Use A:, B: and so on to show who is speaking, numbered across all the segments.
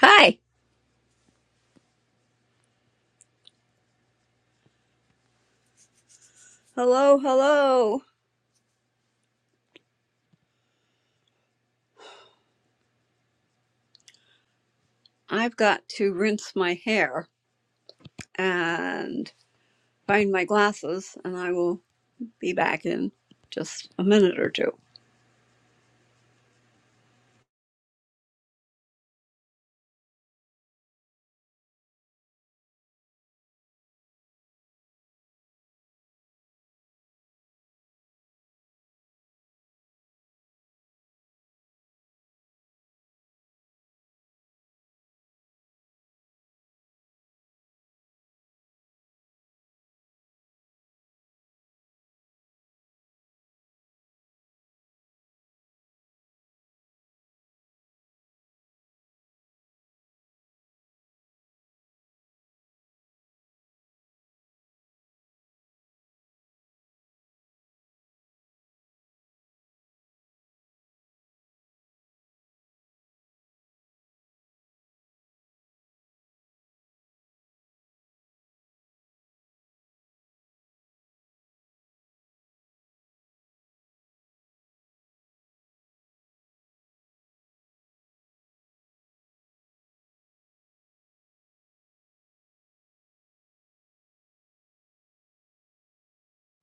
A: Hi. Hello, hello. I've got to rinse my hair and find my glasses, and I will be back in just a minute or two.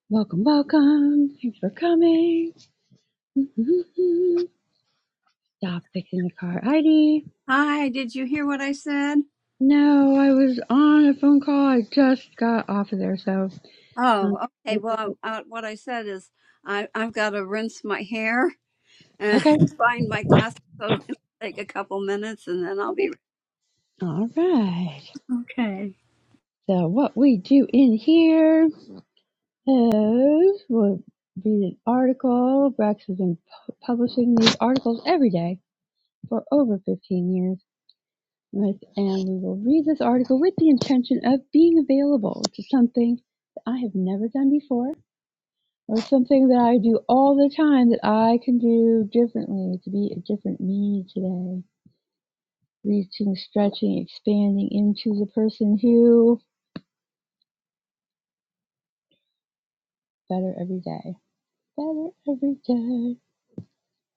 B: Welcome, welcome. Thanks for coming. Stop fixing the car ID.
A: Hi, did you hear what I said?
B: No, I was on a phone call. I just got off of there, so. uh,
A: Oh, okay. Well, uh, what I said is I, I've got to rinse my hair and
B: Okay.
A: find my glasses, so it'll take a couple minutes, and then I'll be.
B: All right.
A: Okay.
B: So, what we do in here is we'll read an article. Brex has been pu- publishing these articles every day for over 15 years. With, and we will read this article with the intention of being available, which is something that I have never done before Or something that I do all the time that I can do differently to be a different me today. Reaching, stretching, expanding into the person who better every day. Better every day.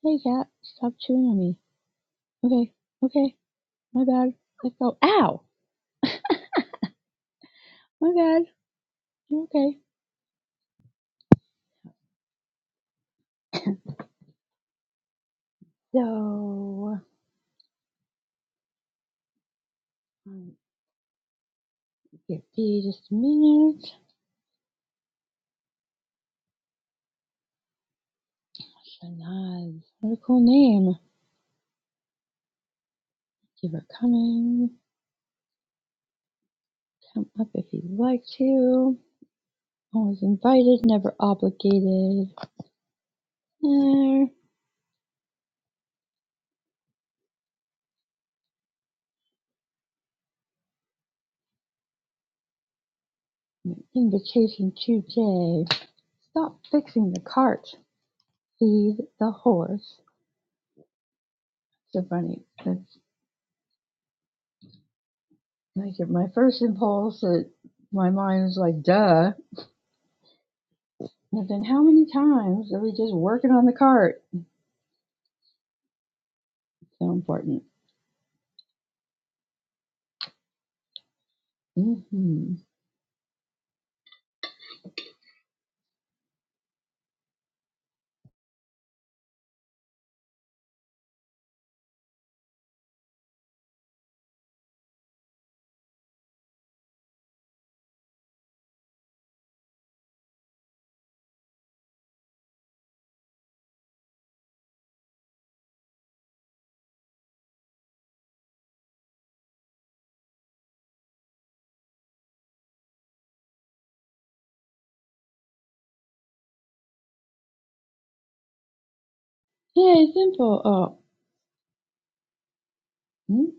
B: Hey cat, stop chewing on me. Okay, okay, my bad. Let us go. Ow! My bad. You're okay. So, um, give Dee just a minute. Shanaz. What a cool name. Give her coming. Come up if you'd like to. I was invited, never obligated. Eh, invitation today. Stop fixing the cart. Feed the horse. So funny. That's like my first impulse that my mind was like, duh. And then how many times are we just working on the cart? So important. Mm-hmm. Hey, simple. Oh, mm,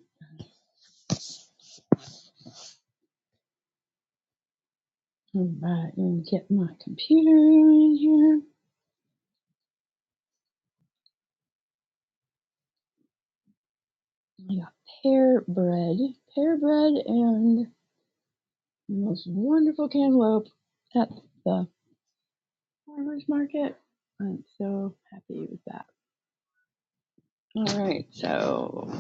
B: all right. Let me get my computer in here. I got pear bread, pear bread, and the most wonderful cantaloupe at the farmers market. I'm so happy with that. All right, so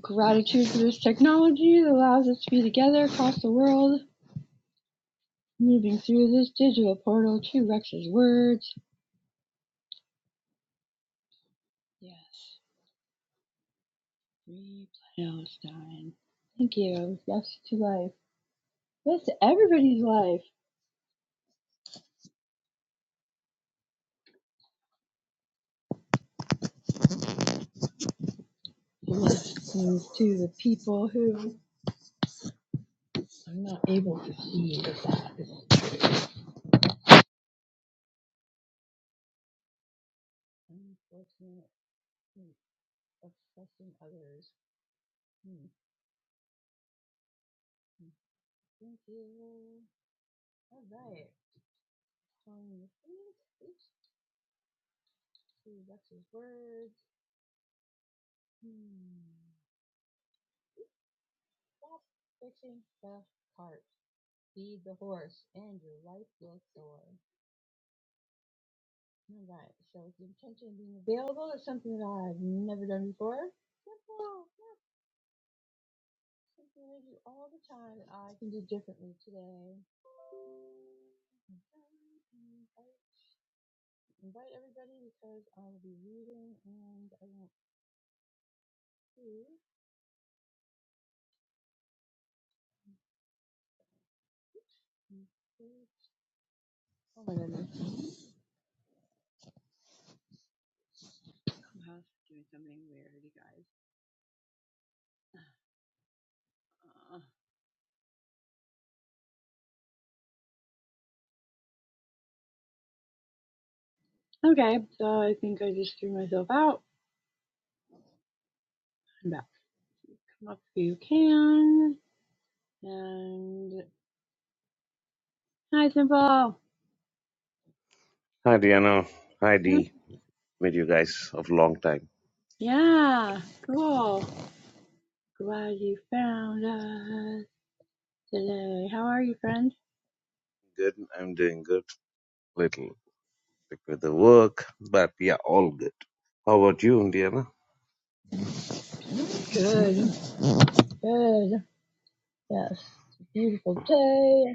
B: gratitude for this technology that allows us to be together across the world, moving through this digital portal to Rex's words. Yes, free Palestine. Thank you. Yes to life. Yes to everybody's life. Yes to the people who I'm not able to see the fact. Unfortunate. Assessing others. Hmm. hmm. Thank you. All right. Calling the things. Oops. To Rex's words. Hmm. Stop fixing the cart. Feed the horse, and your life will soar. All right. So with the intention of being available is something that I've never done before. Simple. Yeah. Something I do all the time. and I can do differently today. invite everybody because I will be reading and I want to include. Oh my goodness, Clubhouse is doing something weird, you guys. Uh, okay, so I think I just threw myself out. I'm back. Come up if you can. And hi, Simple.
C: Hi, Diana. Hi, Dee. Met you guys of long time.
B: Yeah, cool. Glad you found us today. How are you, friend?
C: Good. I'm doing good. Little sick with the work, but yeah, all good. How about you, Diana?
B: Good, good. Yes, it's a beautiful day.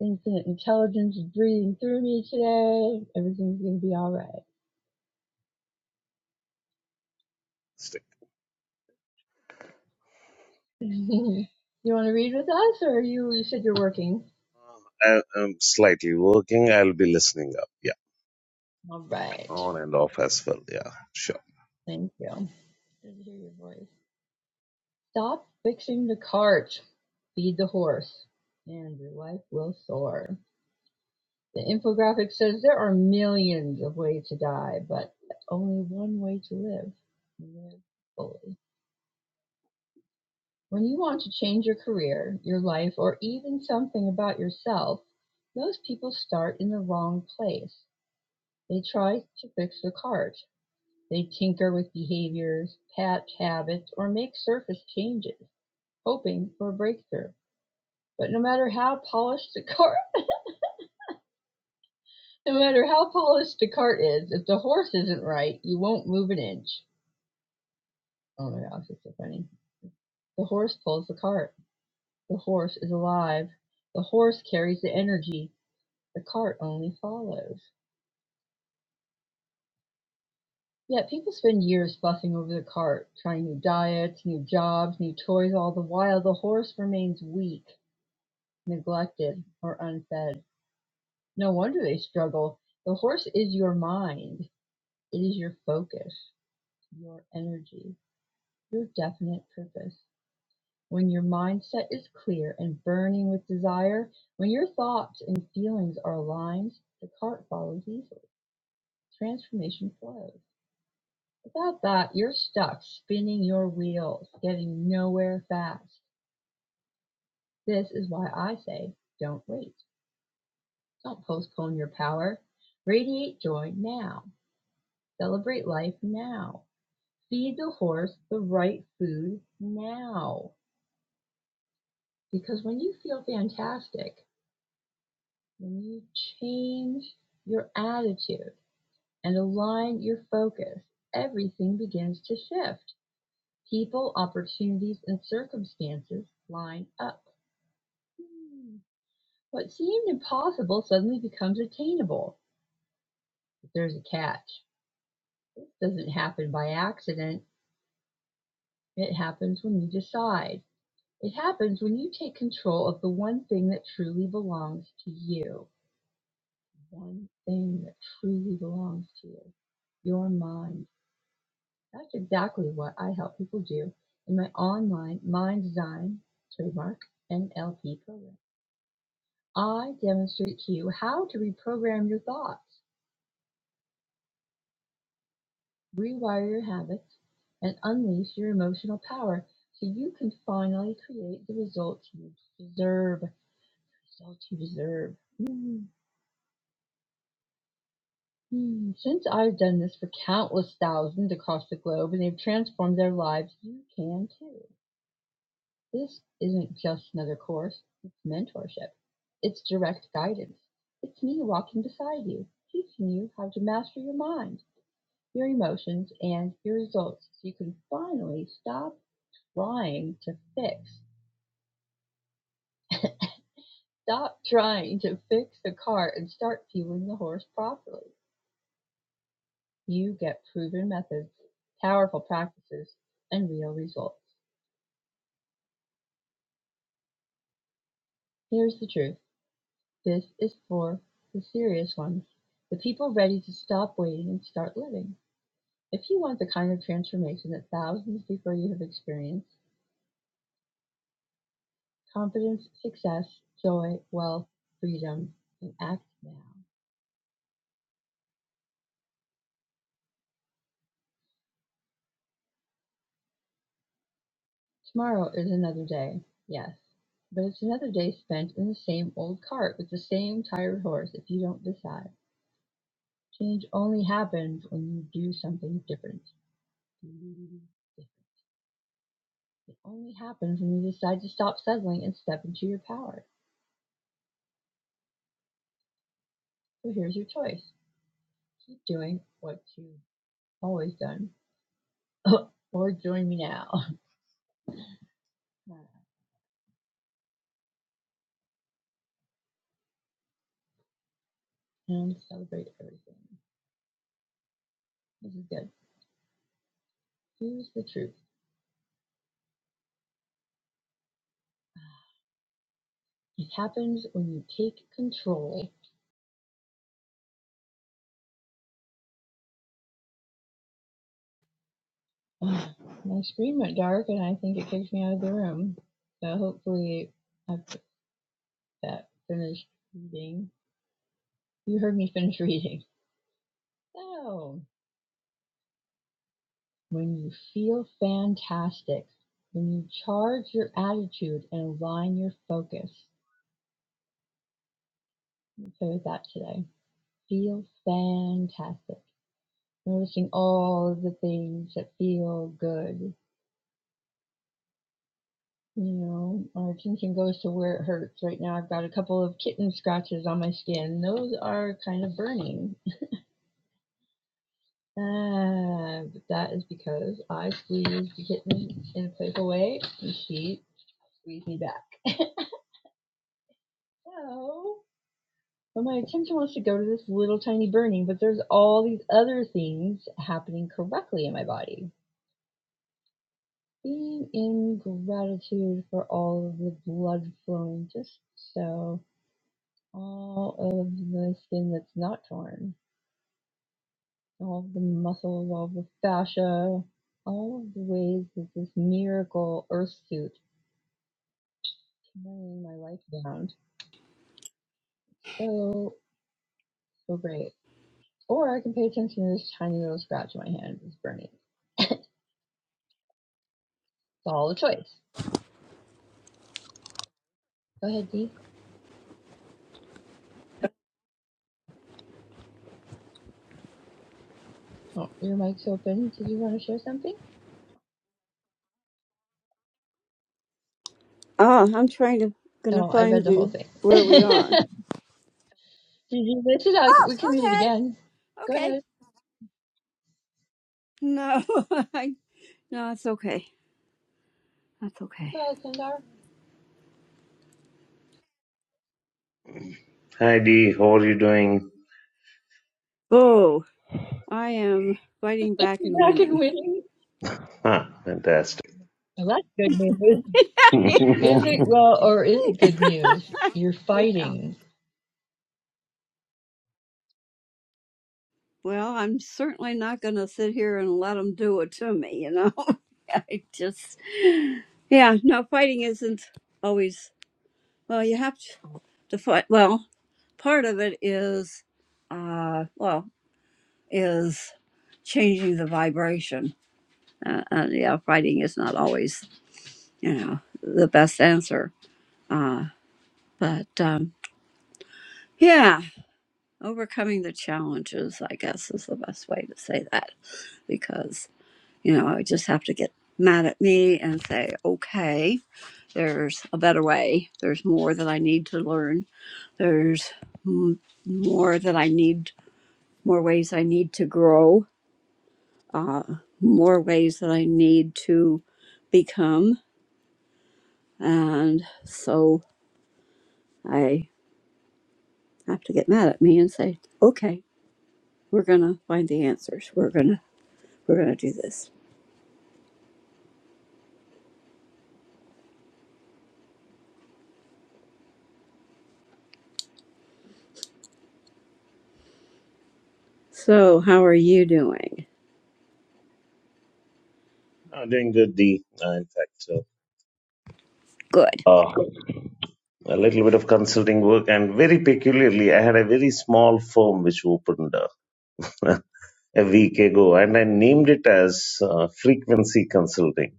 B: Infinite intelligence is breathing through me today. Everything's gonna be all right.
C: Sick.
B: you want to read with us, or you? You said you're working.
C: Uh, I, I'm slightly working. I'll be listening up. Yeah,
B: All right.
C: on and off as well. Yeah, sure.
B: Thank you. Good to hear your voice. Stop fixing the cart. Feed the horse, and your life will soar. The infographic says there are millions of ways to die, but only one way to live. Live fully. When you want to change your career, your life, or even something about yourself, most people start in the wrong place. They try to fix the cart. They tinker with behaviors, patch habits, or make surface changes, hoping for a breakthrough. But no matter how polished the cart, no matter how polished the cart is, if the horse isn't right, you won't move an inch. Oh my gosh, it's so funny. The horse pulls the cart. The horse is alive. The horse carries the energy. The cart only follows. Yet people spend years fussing over the cart, trying new diets, new jobs, new toys, all the while the horse remains weak, neglected, or unfed. No wonder they struggle. The horse is your mind. It is your focus, your energy, your definite purpose. When your mindset is clear and burning with desire, when your thoughts and feelings are aligned, the cart follows easily. Transformation flows. Without that, you're stuck spinning your wheels, getting nowhere fast. This is why I say don't wait. Don't postpone your power. Radiate joy now. Celebrate life now. Feed the horse the right food now. Because when you feel fantastic, when you change your attitude and align your focus, everything begins to shift. People, opportunities, and circumstances line up. What seemed impossible suddenly becomes attainable, but there's a catch. This doesn't happen by accident. It happens when you decide. It happens when you take control of the one thing that truly belongs to you. One thing that truly belongs to you. Your mind. That's exactly what I help people do in my online mind design trademark NLP program. I demonstrate to you how to reprogram your thoughts rewire your habits, and unleash your emotional power so you can finally create the results you deserve. Results you deserve. Mm, mm. Since I've done this for countless thousands across the globe and they've transformed their lives, you can too. This isn't just another course, it's mentorship. It's direct guidance. It's me walking beside you, teaching you how to master your mind, your emotions, and your results so you can finally stop trying to fix. Stop trying to fix the car and start fueling the horse properly. You get proven methods, powerful practices, and real results. Here's the truth this is for the serious ones, the people ready to stop waiting and start living. If you want the kind of transformation that thousands before you have experienced confidence, success, joy, wealth, freedom, and act now. Tomorrow is another day. Yes, but it's another day spent in the same old cart with the same tired horse if you don't decide. Change only happens when you do something different. It only happens when you decide to stop settling and step into your power. So here's your choice. Keep doing what you've always done. or join me now. and celebrate everything. This is good. Here's the truth. It happens when you take control I scream at dark, and I think it kicks me out of the room. So hopefully, I put that finished reading. You heard me finish reading. So, when you feel fantastic, when you charge your attitude and align your focus. So with that today. Feel fantastic. Noticing all of the things that feel good You know, our attention goes to where it hurts. Right now, I've got a couple of kitten scratches on my skin. Those are kind of burning. Uh, but that is because I squeezed the kitten in a playful way, and she squeezed me back. so, but my attention wants to go to this little tiny burning, but there's all these other things happening correctly in my body. Being in gratitude for all of the blood flowing just so all of the skin that's not torn, all of the muscles, all of the fascia, all of the ways that this miracle earth suit can bring my life around. So, so great. Or I can pay attention to this tiny little scratch in my hand that's burning. It's all a choice. Go ahead, Dee. Oh, your mic's open. Did you want to share something?
A: Oh, I'm trying to gonna
B: Oh, I
A: find
B: read the whole
A: you
B: thing.
A: where
B: Did
A: we are.
B: you miss it? I,
A: Oh,
B: we can read it again.
A: okay.
B: Go
A: Okay.
B: ahead.
A: No, I, no, it's okay. That's okay.
B: Go ahead, Sundar.
C: Hi, Dee. How are you doing?
A: Oh, I am fighting back and
B: You're back and
A: winning.
B: winning.
C: Huh, fantastic.
B: Well, that's good news.
A: yeah.
B: Is it well, or is it good news? You're
A: Yeah.
B: fighting.
A: Well, I'm certainly not going to sit here and let them do it to me, you know? I just, yeah, no, fighting isn't always, well, you have to, to fight. Well, part of it is, uh, well, is changing the vibration. Uh, uh, yeah, fighting is not always, you know, the best answer. Uh, but, um, yeah. Overcoming the challenges, I guess, is the best way to say that because, you know, I just have to get mad at me and say, okay, there's a better way. There's more that I need to learn. There's m- more that I need, more ways I need to grow, uh, more ways that I need to become. And so I have to get mad at me and say, okay, we're going to find the answers. We're going to, we're going to do this. So, how are you doing?
C: Uh, doing good, Dee. Uh, in fact,
A: Good.
C: uh, uh, a little bit of consulting work, and very peculiarly, I had a very small firm which opened up. a week ago, and I named it as uh, frequency consulting.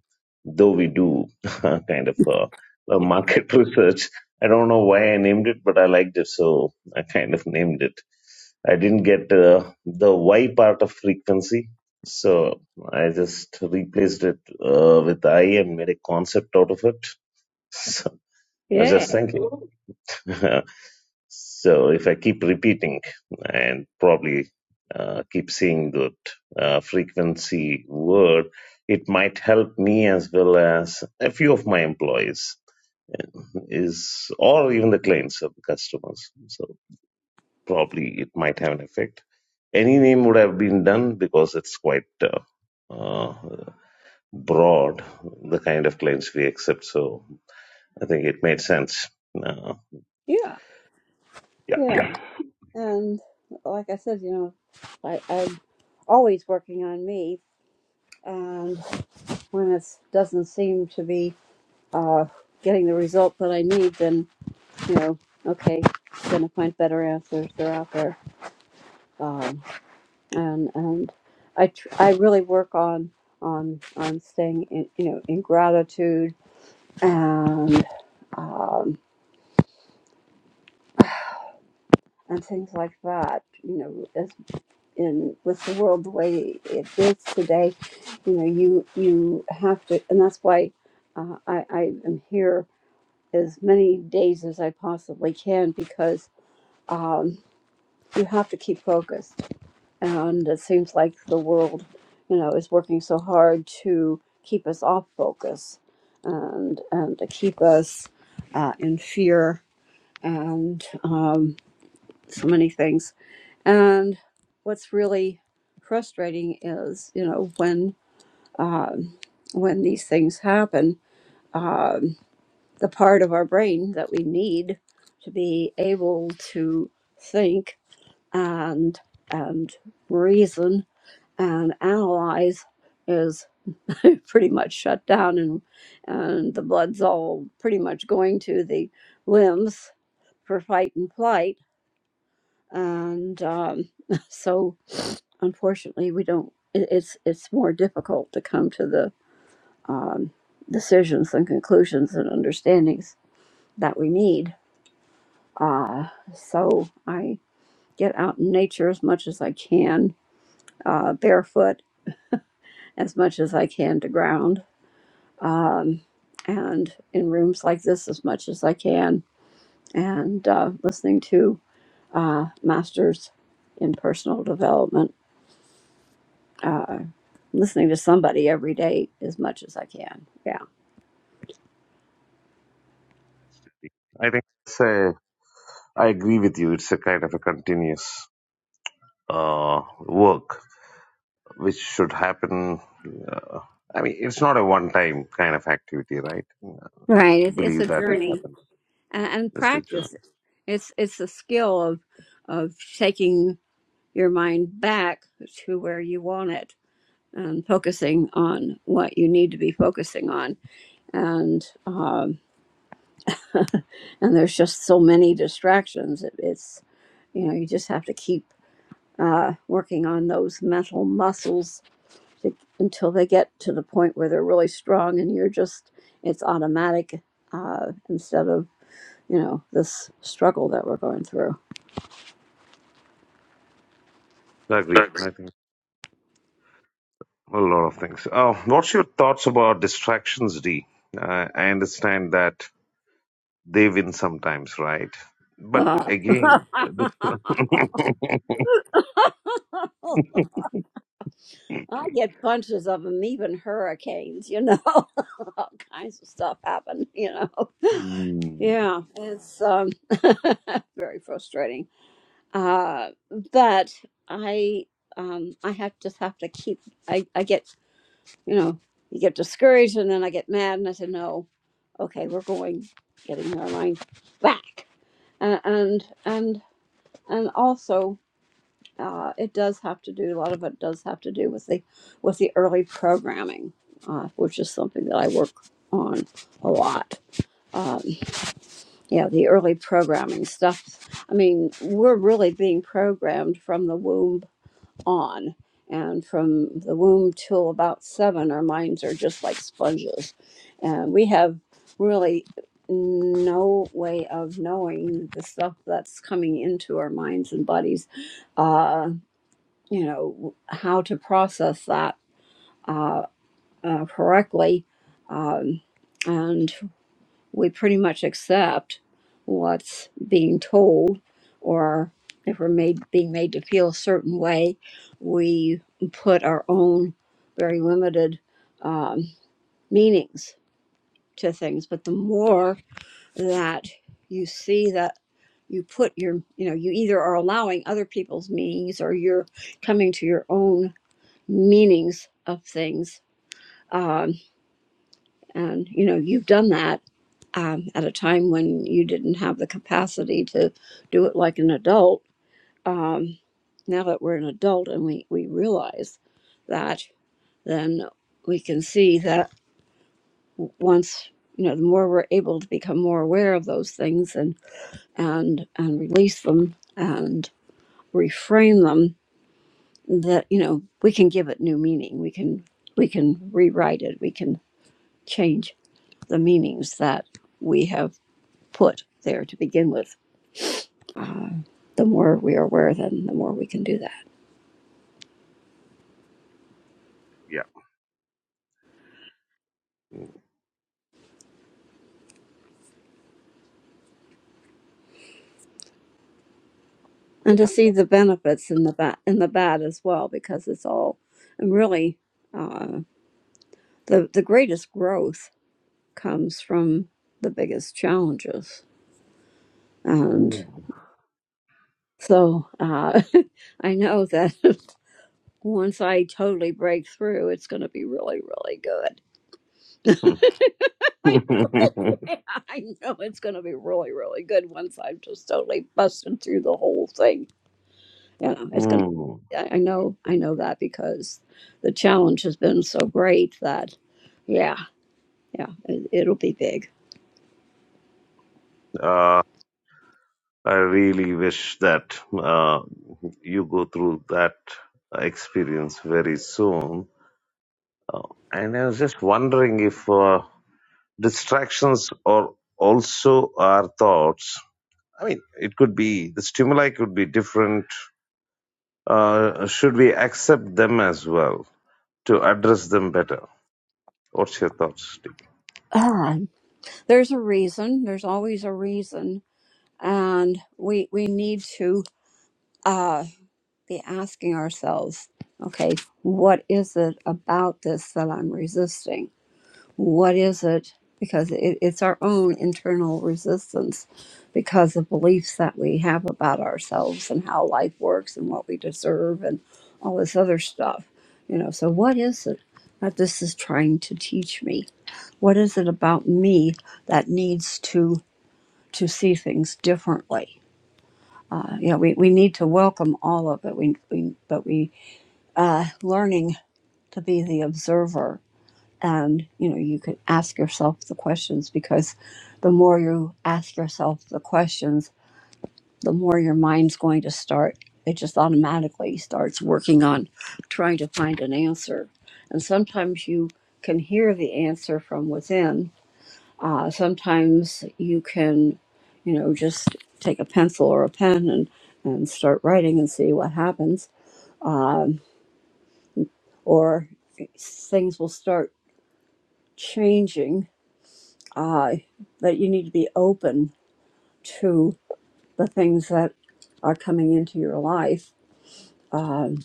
C: Though we do kind of uh, uh, market research, I don't know why I named it, but I liked it, so I kind of named it. I didn't get uh, the Y part of frequency, so I just replaced it uh, with I and made a concept out of it. So I was
A: Yeah,
C: just thinking. So if I keep repeating and probably uh, keep seeing that uh, frequency word, it might help me as well as a few of my employees uh, is or even the clients of the customers. So probably it might have an effect. Any name would have been done because it's quite uh, uh, broad, the kind of clients we accept. So I think it made sense. Uh,
A: yeah, yeah.
C: yeah.
A: And like I said, you know, I, I'm always working on me, and when it doesn't seem to be uh, getting the result that I need, then you know, okay, gonna find better answers. They're out there, um, and and I tr- I really work on on on staying in you know in gratitude and um, and things like that. You know, In with the world the way it is today, you know, you you have to, and that's why uh, I, I am here as many days as I possibly can because um, you have to keep focused, and it seems like the world, you know, is working so hard to keep us off focus, and and to keep us uh, in fear, and um, so many things and what's really frustrating is, you know, when um, when these things happen, um, the part of our brain that we need to be able to think and and reason and analyze is pretty much shut down, and and the blood's all pretty much going to the limbs for fight and flight and um, so unfortunately we don't it, it's it's more difficult to come to the um, decisions and conclusions and understandings that we need uh, so i get out in nature as much as i can uh, barefoot as much as i can to ground um, and in rooms like this as much as i can and uh, listening to uh, masters in personal development listening to somebody every day as much as I can. Yeah,
C: I think it's a, I agree with you. It's a kind of a continuous uh, work which should happen. Uh, I mean, it's not a one-time kind of activity, right? I
A: right. It's, it's a
C: believe that it
A: journey
C: happens.
A: and, and
C: It's a
A: practice.
C: journey.
A: It's it's a skill of of taking your mind back to where you want it and focusing on what you need to be focusing on. And um, and there's just so many distractions. It, it's you know you just have to keep uh, working on those mental muscles to, until they get to the point where they're really strong and you're just it's automatic uh, instead of you know this struggle that we're going through
C: I agree. I think a lot of things. Oh, what's your thoughts about distractions, D? I I understand that they win sometimes, right? But
A: Ah.
C: again, uh, this,
A: i get bunches of them even hurricanes you know all kinds of stuff happen you know
C: mm,
A: yeah it's um, very frustrating uh, but i um, i have just have to keep I, I get you know, you get discouraged and then I get mad and I said, no, okay, we're going, getting our mind back. Uh, and, and, and also, uh, it does have to do, a lot of it does have to do with the, with the early programming, uh, which is something that I work on a lot. Um, yeah, the early programming stuff. I mean, we're really being programmed from the womb on. And from the womb till about seven, our minds are just like sponges. And we have really no way of knowing the stuff that's coming into our minds and bodies, uh, you know, how to process that uh, uh, correctly. Um, and we pretty much accept what's being told or if we're made being made to feel a certain way we put our own very limited um, meanings to things but the more that you see that you put your you know you either are allowing other people's meanings or you're coming to your own meanings of things um, and you know you've done that um, at a time when you didn't have the capacity to do it like an adult um, now that we're an adult and we, we realize that then we can see that w- once you know the more we're able to become more aware of those things and and and release them and reframe them that you know we can give it new meaning we can we can rewrite it we can change the meanings that we have put there to begin with. The more we are aware, then the more we can do that,
C: yeah.
A: and to see the benefits in the bad in the bad as well, because it's all and really uh, the the greatest growth comes from the biggest challenges, and
C: Mm.
A: so uh, I know that once I totally break through, it's going to be really really good. I know, I know it's going to be really, really good once I've just totally busted through the whole thing you know it's gonna
C: Hmm.
A: i I know i know that because the challenge has been so great that yeah yeah it, it'll be big
C: Uh, I really wish that uh, you go through that experience very soon. And I was just wondering if uh, distractions are also our thoughts. I mean, it could be the stimuli could be different. Uh, should we accept them as well to address them better? What's your thoughts, Dick?
A: um, there's a reason there's always a reason and we we need to uh be asking ourselves okay what is it about this that i'm resisting what is it because it, it's our own internal resistance because of beliefs that we have about ourselves and how life works and what we deserve and all this other stuff you know so what is it that this is trying to teach me what is it about me that needs to to see things differently uh, you know we, we need to welcome all of it we, we but we uh, learning to be the observer and you know you can ask yourself the questions because the more you ask yourself the questions the more your mind's going to start it just automatically starts working on trying to find an answer and sometimes you can hear the answer from within uh, sometimes you can you know just take a pencil or a pen and and start writing and see what happens um, or things will start changing uh, that you need to be open to the things that are coming into your life. Um,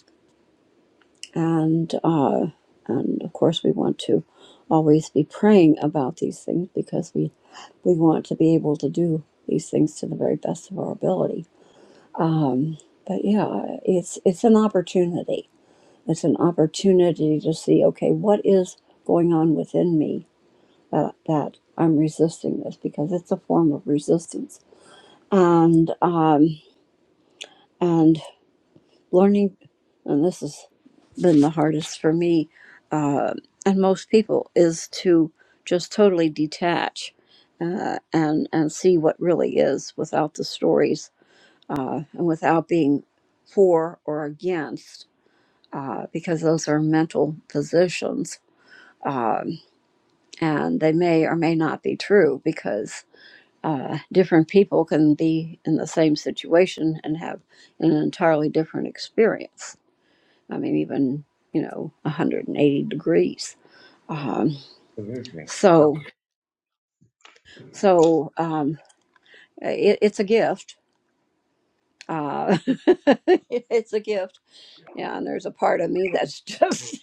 A: and, uh, and of course, we want to always be praying about these things because we, we want to be able to do these things to the very best of our ability. Um, but yeah, it's, it's an opportunity. It's an opportunity to see, okay, what is going on within me that, that I'm resisting this because it's a form of resistance and um, and learning and this has been the hardest for me uh, and most people is to just totally detach uh, and and see what really is without the stories uh, and without being for or against uh, because those are mental positions um, and they may or may not be true because. uh, different people can be in the same situation and have an entirely different experience. I mean, even you know, 180 degrees. Um,
C: Absolutely. Yeah.
A: so, so um, it, it's a gift. Uh, it's a gift. Yeah, and there's a part of me that's just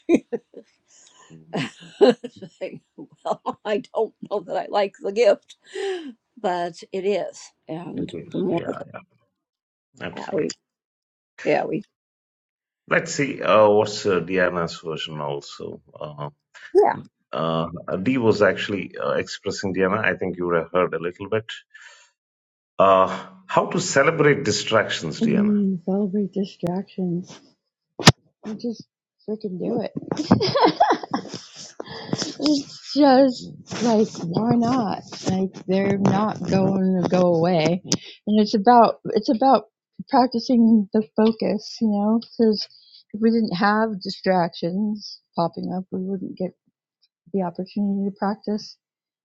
C: Mm,
A: saying, well, I don't know that I like the gift, but it is.
C: It
A: And the
C: is,
A: more
C: yeah,
A: that yeah, we,
C: absolutely.
A: yeah, we,
C: Let's see uh, what's uh, Diana's version also. Uh,
A: yeah,
C: uh, Dee was actually uh, expressing Diana. I think you would have heard a little bit. Uh, how to celebrate distractions, Diana?
B: Mm, celebrate distractions. I just freaking do it. it's just like why not? Like they're not going to go away, and it's about it's about practicing the focus, you know, because if we didn't have distractions popping up, we wouldn't get the opportunity to practice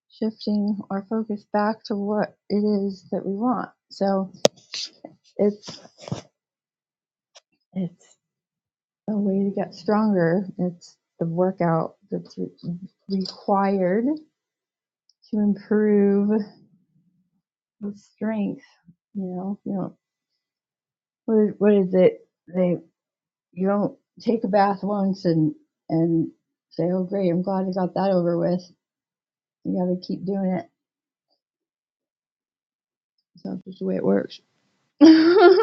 B: shifting our focus back to what it is that we want. So it's it's a way to get stronger. It's the workout that's re- required to improve the strength. You know, you don't what is, what is it? They you don't take a bath once and and say, oh great, I'm glad I got that over with. You got to keep doing it. So that's just the way it works.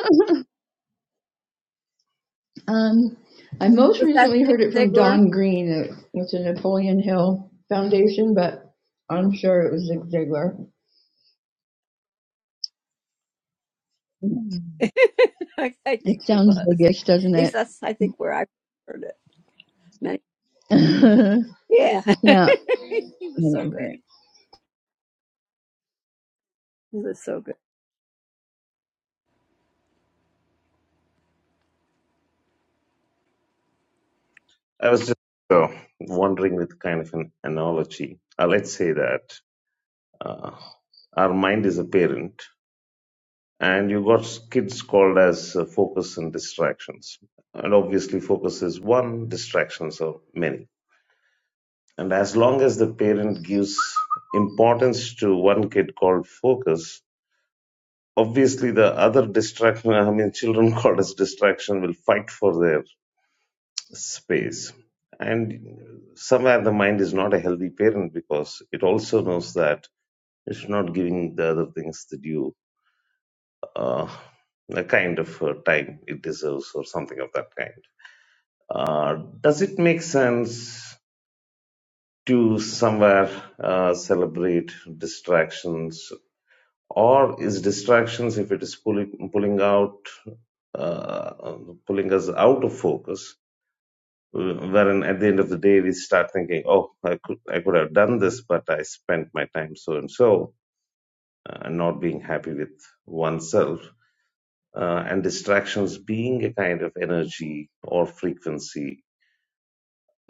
B: Um, I most
A: was that
B: recently
A: Zig
B: heard it from
A: Ziglar?
B: Don Green uh, with the Napoleon Hill Foundation, but I'm sure it was Zig Ziglar.
A: I
B: It
A: think it
B: sounds
A: was. like,
B: biggish, doesn't
A: At least
B: it?
A: that's I think where I heard it. Many- Yeah,
B: yeah.
A: he was so good.
B: Anyway.
A: He was so good.
C: I was just uh, wondering with kind of an analogy. Uh, let's say that uh, our mind is a parent, and you got kids called as uh, focus and distractions and obviously focus is one distractions are many and as long as the parent gives importance to one kid called focus obviously the other distraction i mean children called as distraction will fight for their space and somewhere the mind is not a healthy parent because it also knows that it's not giving the other things the due uh, a kind of uh, time it deserves or something of that kind. Uh, does it make sense to somewhere uh, celebrate distractions or is distractions if it is pulling, pulling out uh, pulling us out of focus wherein at the end of the day we start thinking oh i could i could have done this but i spent my time so and so uh, not being happy with oneself uh, and distractions being a kind of energy or frequency.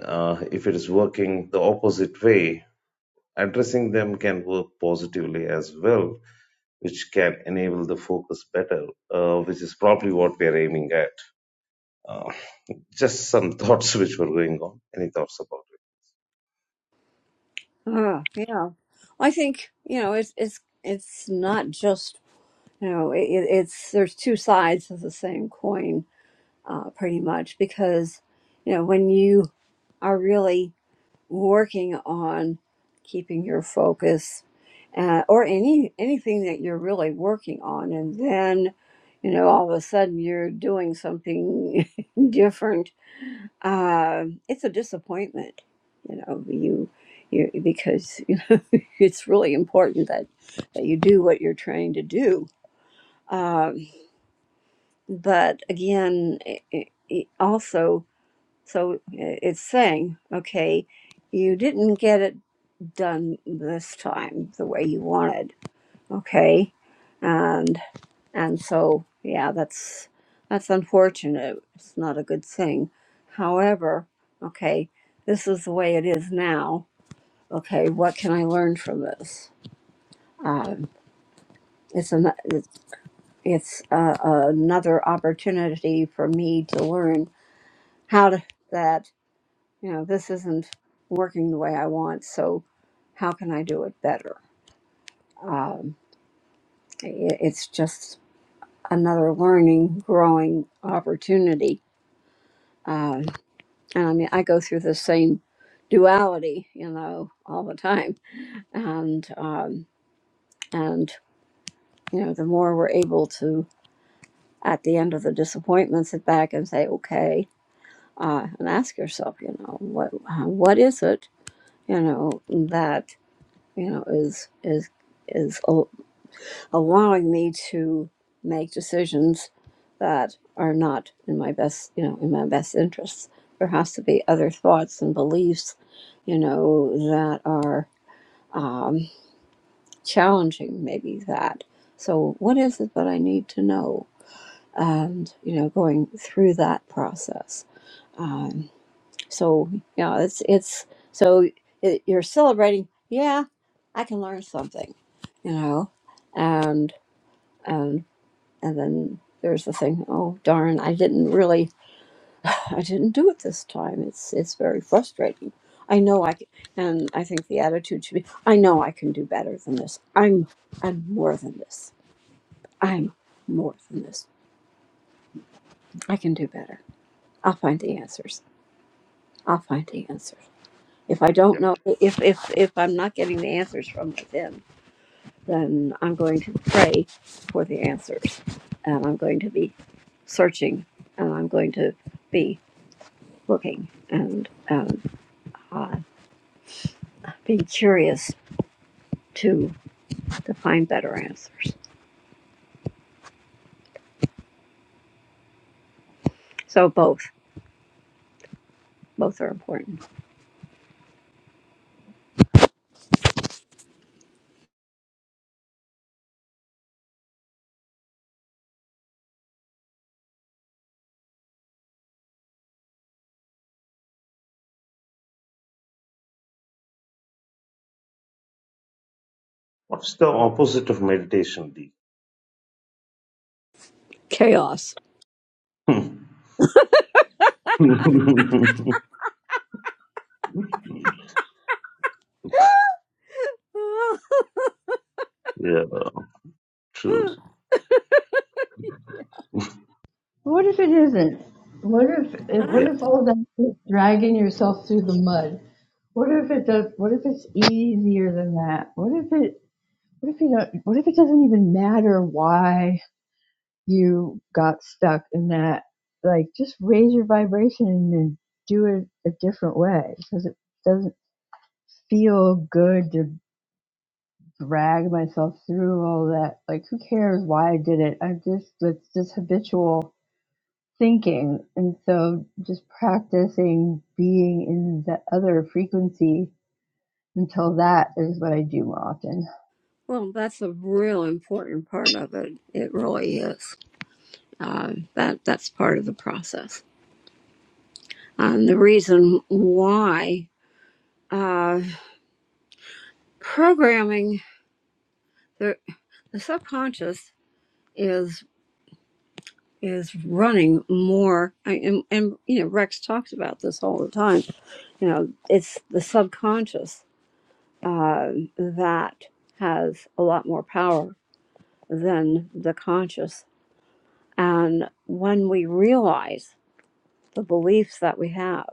C: Uh, if it is working the opposite way, addressing them can work positively as well, which can enable the focus better, uh, which is probably what we are aiming at. Uh, just some thoughts which were going on. Any thoughts about it?
A: Oh, yeah. I think you know it's it's it's not just you know it, it- it's there's two sides of the same coin, uh, pretty much because you know when you are really working on keeping your focus uh, or any anything that you're really working on and then you know all of a sudden you're doing something different uh, it's a disappointment you know you, you because you know it's really important that that you do what you're trying to do um, but again i i i- also so it's saying okay you didn't get it done this time the way you wanted okay and and so yeah that's that's unfortunate it's not a good thing however okay this is the way it is now okay what can i learn from this um, it's an it's, it's uh, another opportunity for me to learn how to that you know this isn't working the way i want so how can i do it better Um, it's just another learning, growing opportunity. Um, and I mean, I go through the same duality, you know, all the time. And um, and you know, the more we're able to, at the end of the disappointment, sit back and say, okay, uh, and ask yourself, you know, what uh, what is it, you know, that you know is is is. allowing me to make decisions that are not in my best you know in my best interests there has to be other thoughts and beliefs you know that are um, challenging maybe that so what is it that i need to know and you know going through that process um, so yeah it's it's so it, you're celebrating yeah i can learn something you know and and and then there's the thing oh darn i didn't really i didn't do it this time it's it's very frustrating i know i can, and i think the attitude should be i know i can do better than this i'm i'm more than this i'm more than this i can do better i'll find the answers i'll find the answers if i don't
C: Yeah.
A: know if if if i'm not getting the answers from within then i'm going to pray for the answers and i'm going to be searching and i'm going to be looking and um, uh, being curious to to find better answers. So both both are important.
C: What's the opposite of meditation, D?
A: Chaos.
C: yeah, true.
B: What if it isn't? What if, if what
C: Yeah.
B: if all that is dragging yourself through the mud? What if it does? What if it's easier than that? What if it? What if you don't? What if it doesn't even matter why? you got stuck in that, like just raise your vibration and do it a different way because it doesn't feel good to drag myself through all that. Like, who cares why I did it? I'm just, it's just habitual thinking. And so just practicing being in the other frequency until that is what I do more often.
A: well, that's a real important part of it. It really is. Um, that that's part of the process. Um, the reason why uh, programming the, the subconscious is is running more I, and, and you know rex talks about this all the time you know it's the subconscious uh, that has a lot more power than the conscious and when we realize the beliefs that we have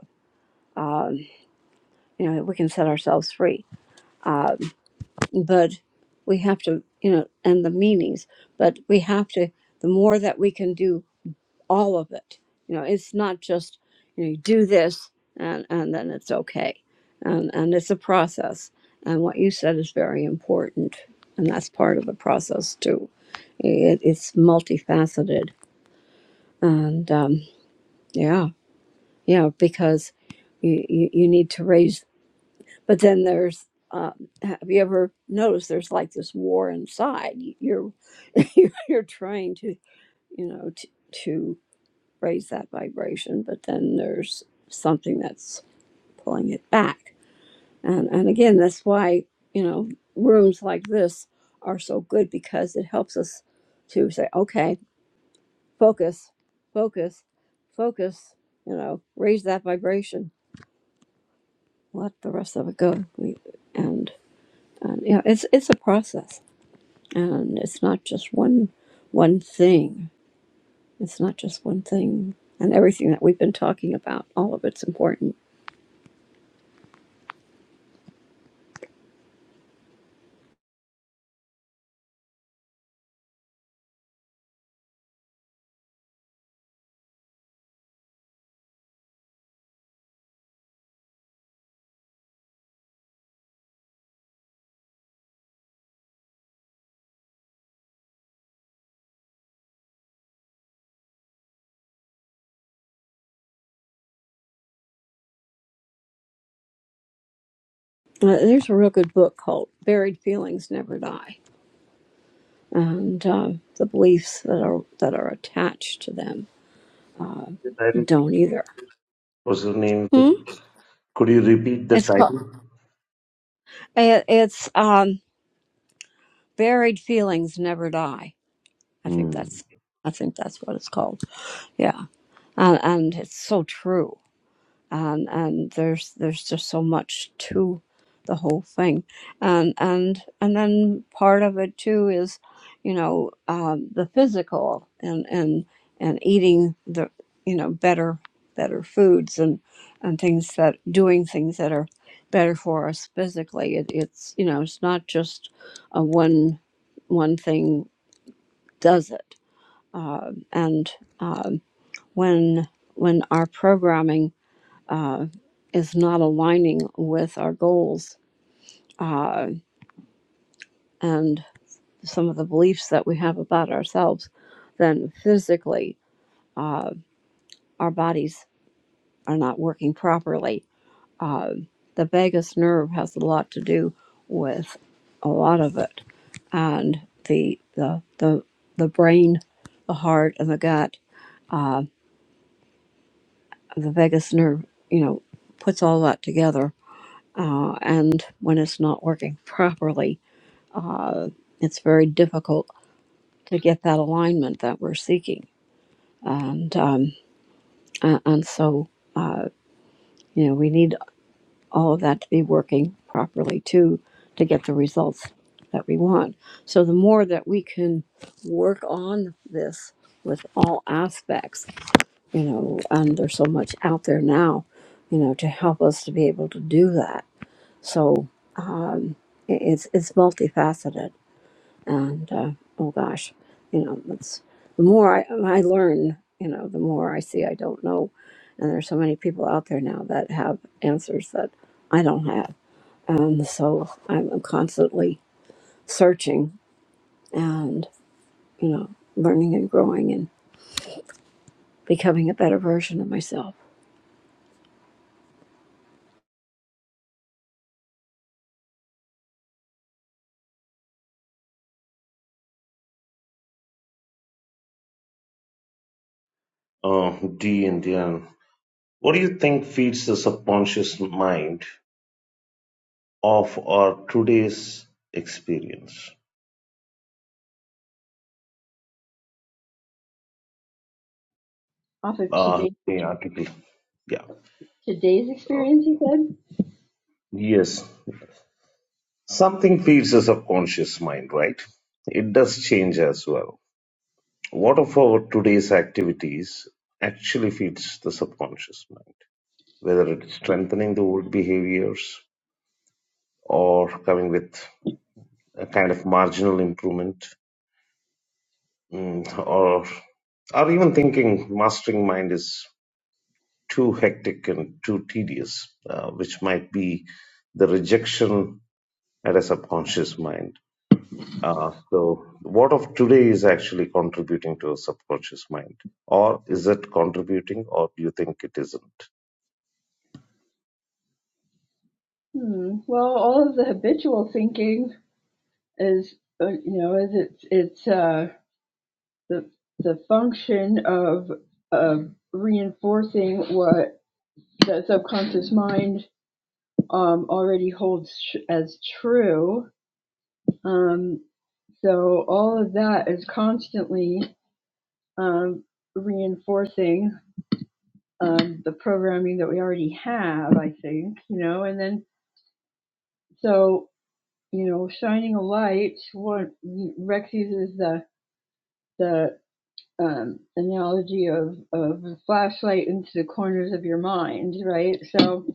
A: um, you know we can set ourselves free um, but we have to you know and the meanings but we have to the more that we can do all of it. You know, it's not just you, know, you do this and and then it's okay, and and it's a process. And what you said is very important, and that's part of the process too. It, it's multifaceted, and um, yeah, yeah, because you, you you need to raise. But then there's uh, have you ever noticed there's like this war inside? You're you're trying to you know to. to raise that vibration, but then there's something that's pulling it back. And and again, that's why, you know, rooms like this are so good because it helps us to say, okay, focus, focus, focus, you know, raise that vibration, let the rest of it go. We, and and yeah, it's it's a process. And it's not just one one thing. It's not just one thing. And everything that we've been talking about, all of it's important Uh, there's a real good book called "Buried Feelings Never Die," and uh, the beliefs that are that are attached to them uh, don't either.
C: Was the name?
A: Hmm?
C: Could you repeat the
A: It's called
C: title?
A: it, it's um, "Buried Feelings Never Die." I think
C: Hmm.
A: that's I think that's what it's called. Yeah, uh, and it's so true. and and there's there's just so much to the whole thing and and and then part of it too is you know um, the physical and and and eating the you know better better foods and and things that doing things that are better for us physically it, it's you know it's not just a one one thing does it uh, and um, when when our programming uh, is not aligning with our goals uh, and some of the beliefs that we have about ourselves, then physically uh, our bodies are not working properly. Uh, the vagus nerve has a lot to do with a lot of it, and the the the, the brain, the heart, and the gut, uh, the vagus nerve, you know, puts all that together. Uh, and when it's not working properly, Uh, it's very difficult to get that alignment that we're seeking, and um, a- and so uh, you know we need all of that to be working properly too to get the results that we want. So the more that we can work on this with all aspects, you know, and there's so much out there now, you know, to help us to be able to do that. So um, i- it's it's multifaceted and uh, oh gosh, you know, that's the more I, I learn, you know, the more I see I don't know, and there's so many people out there now that have answers that I don't have, and so I'm constantly searching and you know, learning and growing and becoming a better version of myself.
C: Uh, D and Diane, what do you think feeds the subconscious mind of our today's experience?
B: Off of
C: Uh, let
B: today,
C: me article. Yeah.
B: today's
C: Uh,
B: experience, you said?
C: yes. Something feeds the subconscious mind, right? It does change as well. What of our today's activities actually feeds the subconscious mind? Whether it's strengthening the old behaviors or coming with a kind of marginal improvement Mm, or or even thinking mastering mind is too hectic and too tedious, uh, which might be the rejection at a subconscious mind. Uh, so, what of today is actually contributing to a subconscious mind, or is it contributing, or do you think it isn't?
B: Hmm. Well, all of the habitual thinking is uh, you know is it's it's uh, the the function of of reinforcing what the subconscious mind um, already holds tr- as true. Um, so all of that is constantly um, reinforcing um, the programming that we already have. I think you know, and then so you know, shining a light. What Rex uses the the um, analogy of of a flashlight into the corners of your mind, right? So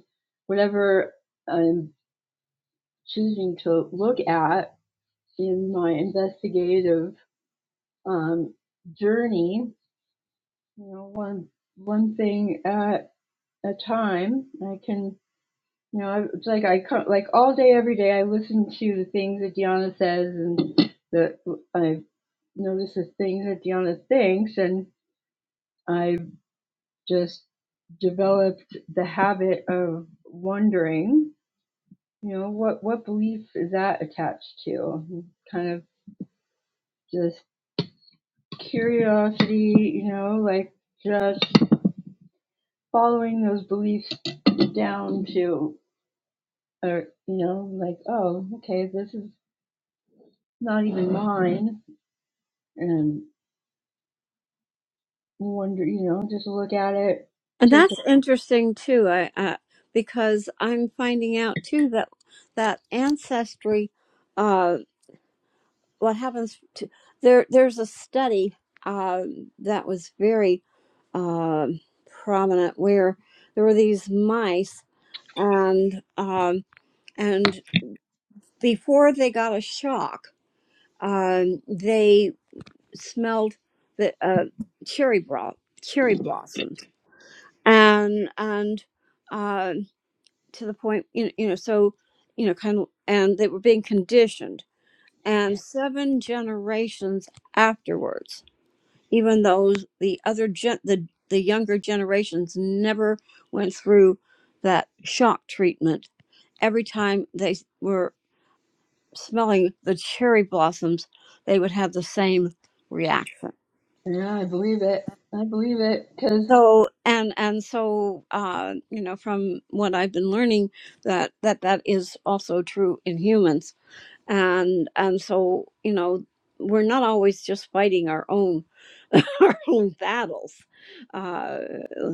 B: whatever I'm choosing to look at in my investigative um, journey, you know, one one thing at a time, I can. You know, it's like I come like all day, every day. I listen to the things that Deanna says, and the I notice the things that Deanna thinks, and I've just developed the habit of wondering, you know, what, what belief is that attached to? Kind of just curiosity, you know, like just following those beliefs down to, or, you know, like, oh, okay, this is not even mine. And wonder, you know, just look at it,
A: And
B: take,
A: that's interesting too, I, I because I'm finding out too that that ancestry. uh, what happens to there there's a study um, that was very um prominent where there were these mice and um, and before they got a shock um, they smelled the uh, cherry bro- cherry blossoms and and uh, to the point you know, you know so you know kind of and they were being conditioned and seven generations afterwards even though the other gen- the the younger generations never went through that shock treatment every time they were smelling the cherry blossoms they would have the same reaction
B: a- yeah, I believe it. I believe it. Cause
A: so and and so uh, you know from what i've been learning that that that is also true in humans and and so you know we're not always just fighting our own our own battles uh,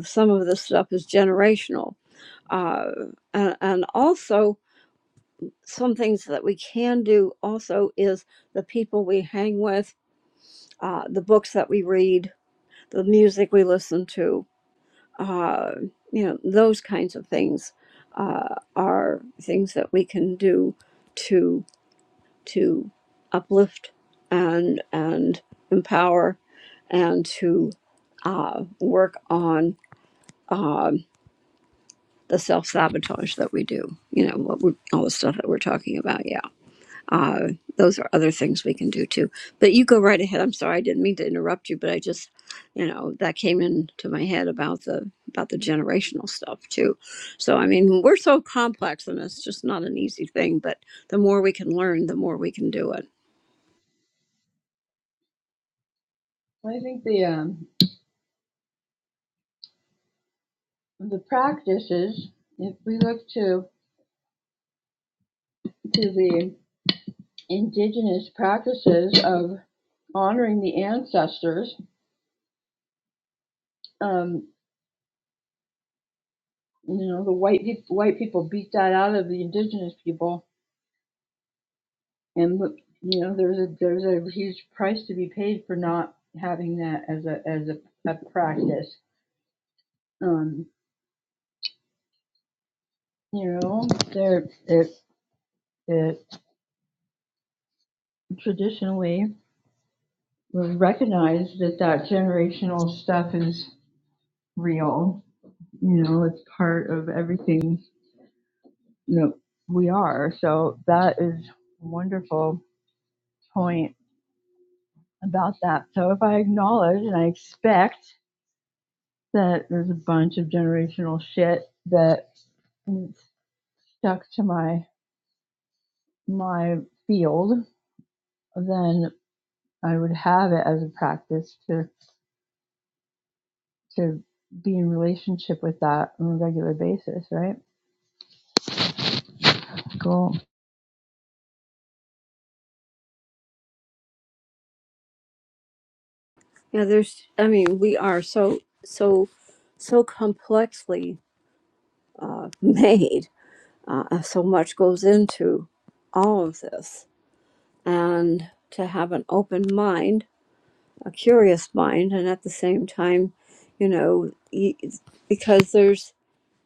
A: some of this stuff is generational uh, and, and also some things that we can do also is the people we hang with uh, the books that we read the music we listen to uh, you know those kinds of things uh, are things that we can do to uplift and and empower and to uh, work on um, the self sabotage that we do. You know, what we all the stuff that we're talking about. Yeah, uh, those are other things we can do too. But you go right ahead. I'm sorry, I didn't mean to interrupt you, but I just, you know, that came into my head about the about the generational stuff too. So I mean, we're so complex, and it's just not an easy thing. But the more we can learn, the more we can do it.
B: I think the, um, the practices, if we look to, to the indigenous practices of honoring the ancestors, um, you know, the white white people beat that out of the indigenous people, and you know, there's a there's a huge price to be paid for not having that as a as a, a practice. Um, you know, there it it traditionally was recognized that that generational stuff is real you know it's part of everything you know we are so that is a wonderful point about that so if i acknowledge and i expect that there's a bunch of generational shit that is stuck to my my field then i would have it as a practice to to be in relationship with that on a regular basis right cool
A: Yeah, there's, I mean, we are so, so, so complexly uh, made. Uh, so much goes into all of this. And to have an open mind, a curious mind, and at the same time, you know, y- because there's,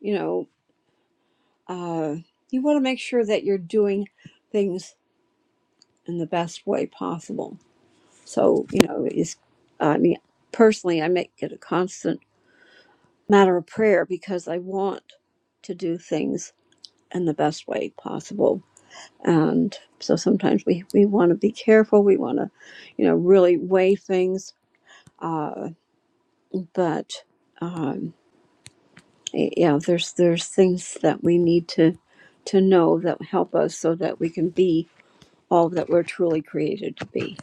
A: you know, uh, you want to make sure that you're doing things in the best way possible. So, you know, it's, I mean, personally, I make it a constant matter of prayer because I want to do things in the best way possible. And so sometimes we, we want to be careful. We want to, you know, really weigh things. Uh, but um, yeah, there's there's things that we need to to know that help us so that we can be all that we're truly created to be.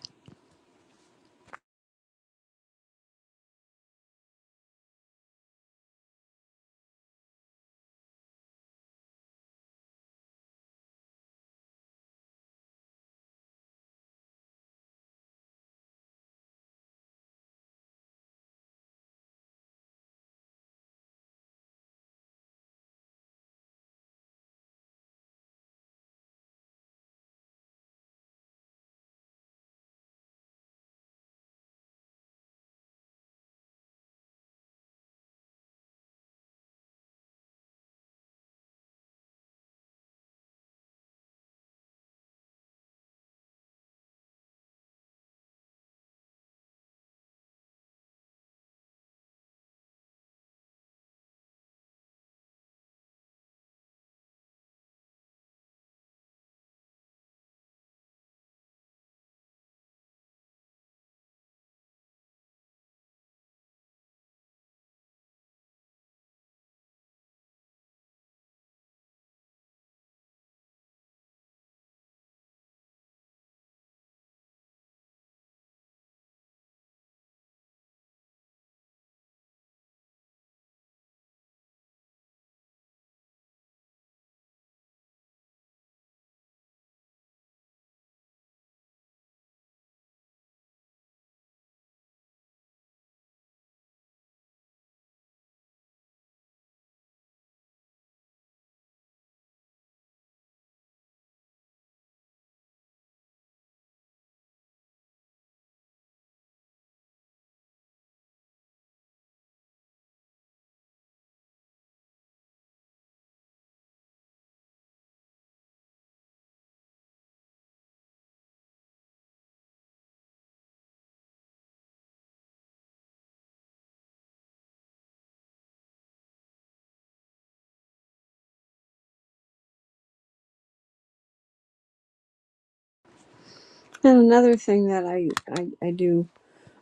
A: And another thing that I I, I do.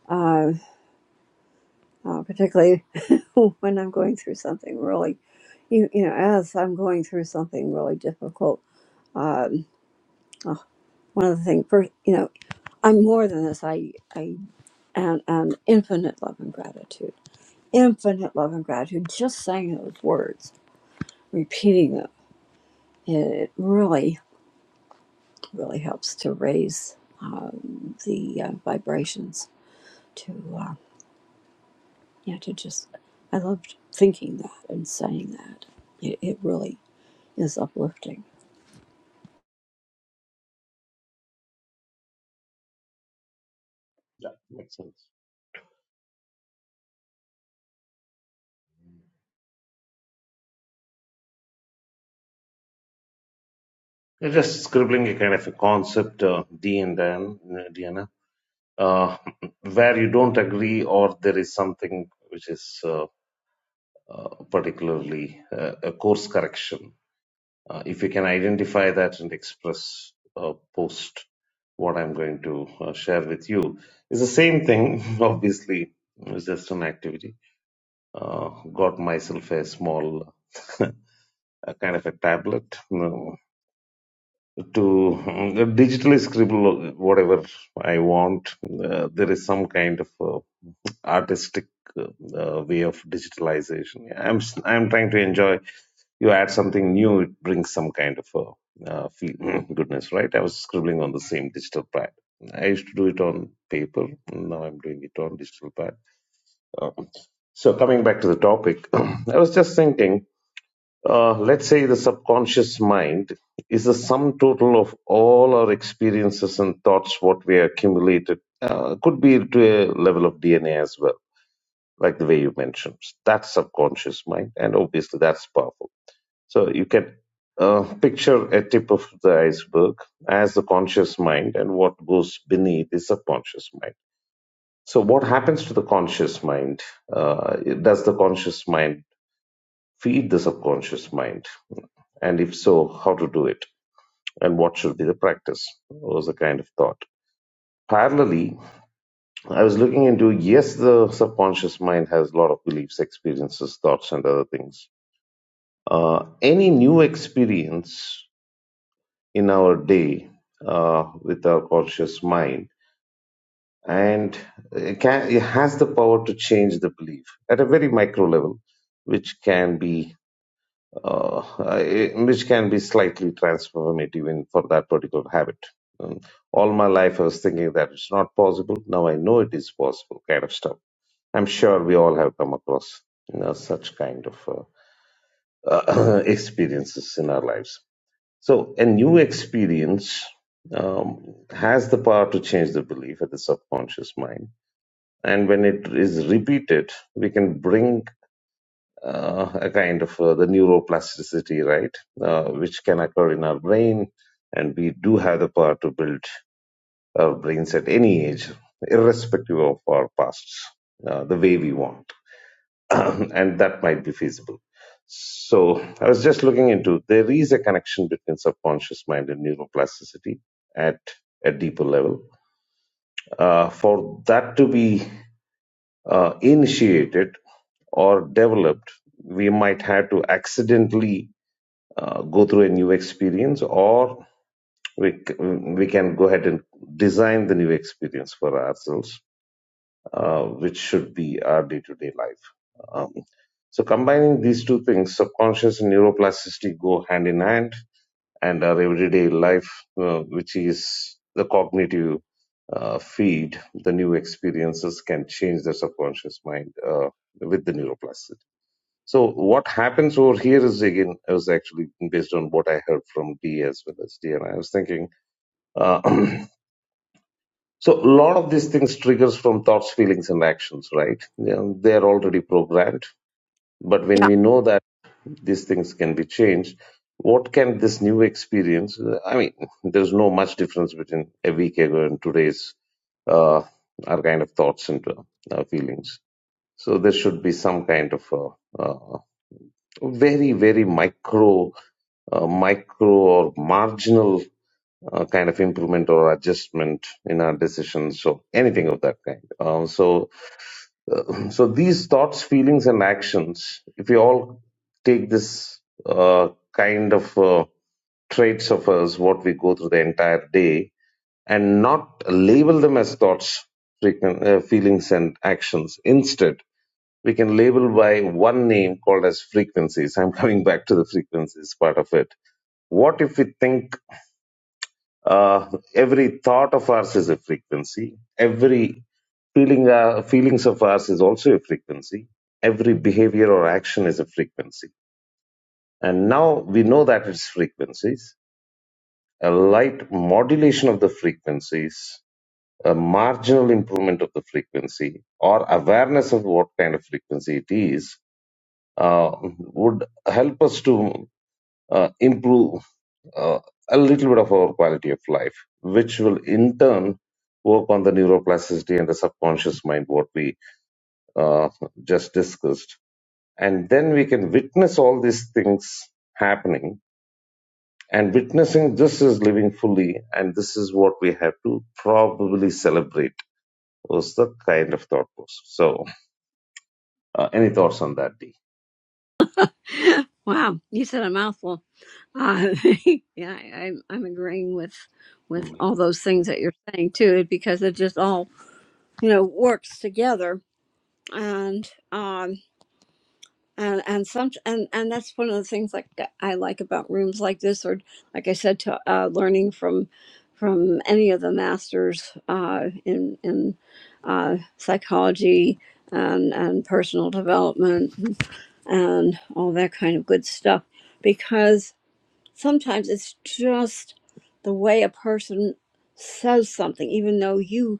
A: uh, uh, particularly when I'm going through something really, you, you know, as I'm going through something really difficult. Um, one of the things, first, you know, I'm more than this. I, I am, am infinite love and gratitude. Infinite love and gratitude. Just saying those words, repeating them, it really, really helps to raise um, the uh, vibrations to, uh, you to just, I loved thinking that and saying that. It, it really is uplifting.
C: Yeah, makes sense. You're just scribbling a kind of a concept, uh, D and Dan, uh, Diana, uh, where you don't agree, or there is something which is. uh, particularly uh, a course correction. Uh, if we can identify that and express uh, post what I'm going to uh, share with you, it's the same thing, obviously, it's just an activity. Uh, got myself a small a kind of a tablet to uh, digitally scribble whatever I want. Uh, there is some kind of uh, artistic uh, uh, way of digitalization. I'm s- I'm trying to enjoy. You add something new, it brings some kind of uh, uh, feel. goodness, right? I was scribbling on the same digital pad. I used to do it on paper. Now I'm doing it on digital pad. Uh, so coming back to the topic, I was just thinking. Uh, let's say the subconscious mind is the sum total of all our experiences and thoughts, what we accumulated. Uh, could be to a level of DNA as well, like the way you mentioned. That's subconscious mind, and obviously that's powerful. So you can uh, picture a tip of the iceberg as the conscious mind, and what goes beneath is subconscious mind. So what happens to the conscious mind? Uh, does the conscious mind feed the subconscious mind? And if so, how to do it? And what should be the practice? Was the kind of thought. Parallelly, I was looking into yes, the subconscious mind has a lot of beliefs, experiences, thoughts, and other things. Uh, any new experience in our day uh, with our conscious mind and it, can, it has the power to change the belief at a very micro level, which can be uh, I- which can be slightly transformative in for that particular habit. Um, all my life, I was thinking that it's not possible. Now I know it is possible, kind of stuff. I'm sure we all have come across you know, such kind of uh, uh, experiences in our lives. So, a new experience um, has the power to change the belief at the subconscious mind. And when it is repeated, we can bring uh, a kind of uh, the neuroplasticity, right, uh, which can occur in our brain, and we do have the power to build our brains at any age, irrespective of our pasts, uh, the way we want, and that might be feasible. So I was just looking into there is a connection between subconscious mind and neuroplasticity at a deeper level. Uh, for that to be uh, initiated or developed, we might have to accidentally uh, go through a new experience or we, c- we can go ahead and design the new experience for ourselves, uh, which should be our day to day life. Um, so combining these two things, subconscious and neuroplasticity go hand in hand and our everyday life, uh, which is the cognitive uh, feed, the new experiences can change the subconscious mind uh, with the neuroplasticity. So what happens over here is again I was actually based on what I heard from D as well as D, and I was thinking. Uh, so a lot of these things triggers from thoughts, feelings, and actions, right? You know, they are already programmed. But when we know that these things can be changed, what can this new experience? I mean, there's no much difference between a week ago and today's uh, our kind of thoughts and uh, uh, feelings. So there should be some kind of uh, uh, very, very micro, uh, micro or marginal uh, kind of improvement or adjustment in our decisions. So anything of that kind. Uh, so so these thoughts, feelings, and actions, if we all take this uh, kind of uh, traits of us, what we go through the entire day, and not label them as thoughts, frequent, uh, feelings, and actions. Instead, we can label by one name called as frequencies. I'm coming back to the frequencies part of it. What if we think uh, every thought of ours is a frequency. Every feeling, uh, feelings of ours is also a frequency. Every behavior or action is a frequency. And now we know that it's frequencies. A light modulation of the frequencies, a marginal improvement of the frequency, or awareness of what kind of frequency it is, uh, would help us to uh, improve uh, a little bit of our quality of life, which will in turn work on the neuroplasticity and the subconscious mind, what we uh, just discussed. And then we can witness all these things happening. And witnessing this is living fully, and this is what we have to probably celebrate. Was the kind of thought process. So, uh, any thoughts on that, D?
A: Wow, you said a mouthful. Uh, yeah, I, I'm I'm agreeing with with
C: Mm.
A: all those things that you're saying too, because it just all you know works together, and um and and some and and that's one of the things like that I like about rooms like this, or like I said, to uh, learning from from any of the masters uh, in in uh, psychology and and personal development and all that kind of good stuff because sometimes it's just the way a person says something even though you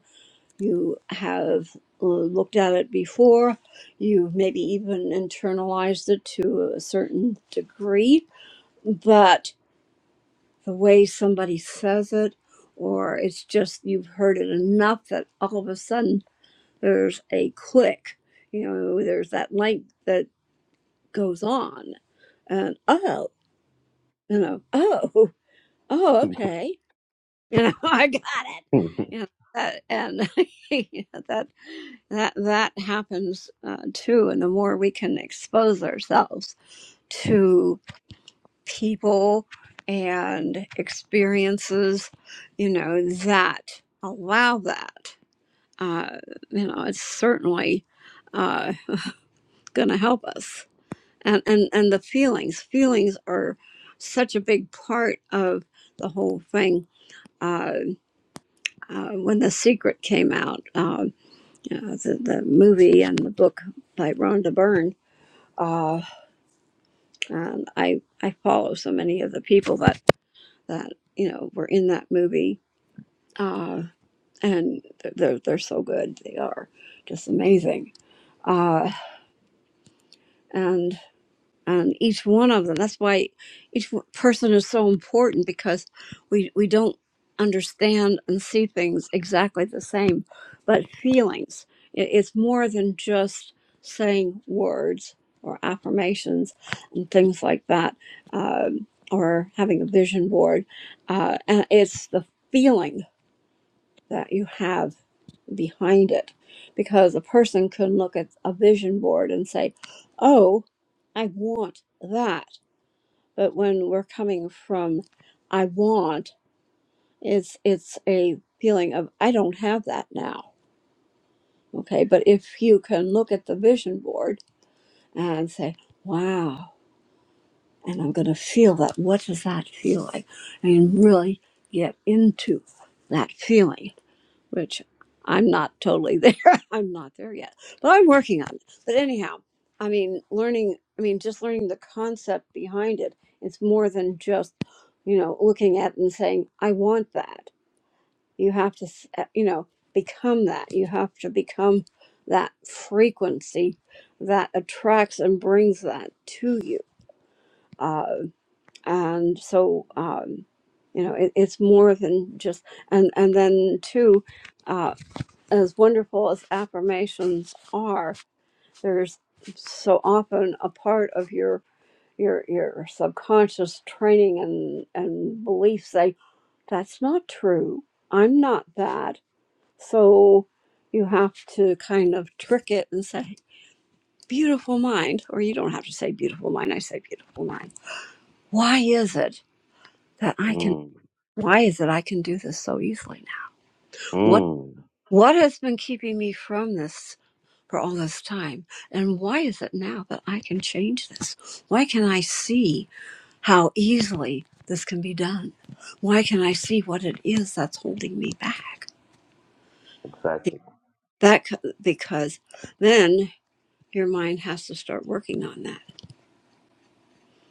A: you have uh, looked at it before you've maybe even internalized it to a certain degree but the way somebody says it or it's just you've heard it enough that all of a sudden there's a click you know there's that light that goes on and oh you know oh oh okay you know i got it you know that, and you know, that that that happens uh, too and the more we can expose ourselves to people and experiences you know that allow that uh, you know it's certainly uh, gonna help us and, and and the feelings feelings are such a big part of the whole thing Uh, uh, when The Secret came out, um, you know, the, the movie and the book by Rhonda Byrne, uh, and I, I follow so many of the people that, that you know, were in that movie. Uh, and they're, they're, so good. They are just amazing. Uh, and And each one of them. That's why each w- person is so important because we we don't understand and see things exactly the same, but feelings. It, it's more than just saying words or affirmations and things like that, um, or having a vision board. Uh, and it's the feeling that you have behind it because a person can look at a vision board and say, "Oh, I want that." but when we're coming from i want it's it's a feeling of i don't have that now okay but if you can look at the vision board and say wow and i'm going to feel that what does that feel like and really get into that feeling which I'm not totally there. I'm not there yet, but I'm working on it. But anyhow, I mean, learning, I mean, just learning the concept behind it. It's more than just, you know, looking at it and saying, I want that. You have to, s- uh, you know, become that. You have to become that frequency that attracts and brings that to you. Uh, and so, um, you know, it, it's more than just, and, and then two as wonderful as affirmations are, there's so often a part of your your your subconscious training and and belief say that's not true. I'm not that. So you have to kind of trick it and say beautiful mind or you don't have to say beautiful mind. I say beautiful mind. Why is it that I can
C: mm.
A: why is it I can do this so easily now? What
C: Mm.
A: what has been keeping me from this for all this time. And why is it now that I can change this? Why can I see how easily this can be done? Why can I see what it is that's holding me back?
C: Exactly.
A: That c- because then your mind has to start working on that.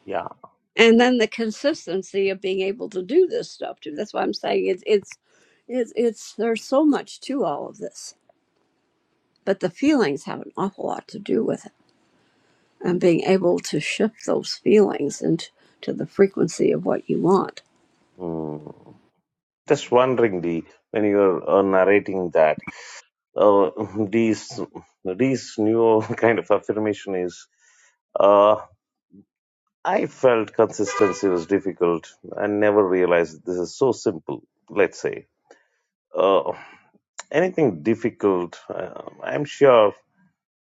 C: Yeah.
A: And then the consistency of being able to do this stuff too. That's why I'm saying it's it's it's, it's there's so much to all of this, but the feelings have an awful lot to do with it and being able to shift those feelings into to the frequency of what you want.
C: Mm. Just wondering, wonderingly, when you're uh, narrating that, uh, these these new kind of affirmation is, uh, I felt consistency was difficult. I never realized this is so simple. Let's say uh, anything difficult. Uh, I'm sure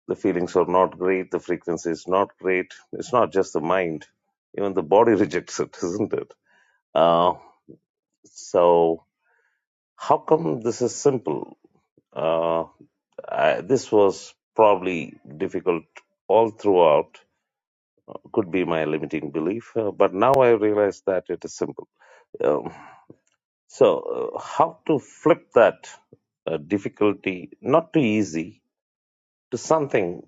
C: the feelings are not great. The frequency is not great. It's not just the mind; even the body rejects it, isn't it? Uh, so How come this is simple? Uh, I, this was probably difficult all throughout. Could be my limiting belief, uh, but now I realize that it is simple. Um, so, uh, how to flip that uh, difficulty, not too easy, to something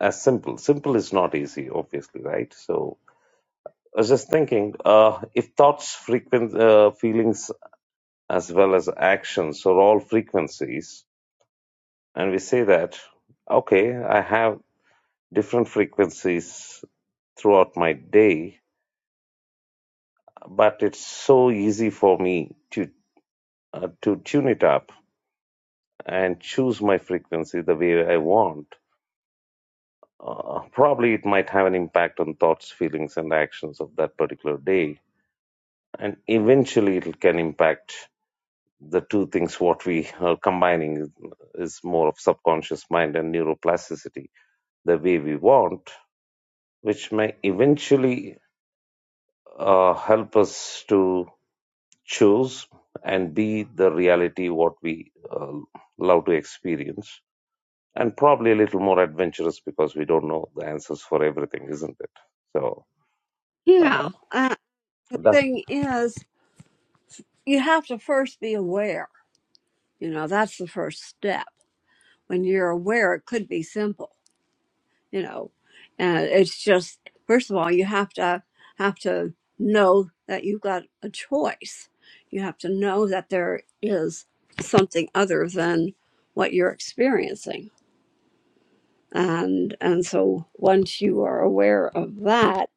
C: as simple? Simple is not easy, obviously, right? So, I was just thinking uh, if thoughts, frequent, uh, feelings, as well as actions are all frequencies, and we say that okay i have different frequencies throughout my day but it's so easy for me to uh, to tune it up and choose my frequency the way i want uh, probably it might have an impact on thoughts feelings and actions of that particular day and eventually it can impact the two things what we are combining is more of subconscious mind and neuroplasticity the way we want which may eventually uh, help us to choose and be the reality what we uh, love to experience and probably a little more adventurous because we don't know the answers for everything isn't it so uh,
A: Yeah. Uh, the
C: that's
A: thing is, you have to first be aware. You know, that's the first step. When you're aware, it could be simple. You know, and it's just first of all, you have to have to know that you've got a choice. You have to know that there is something other than what you're experiencing and and so once you are aware of that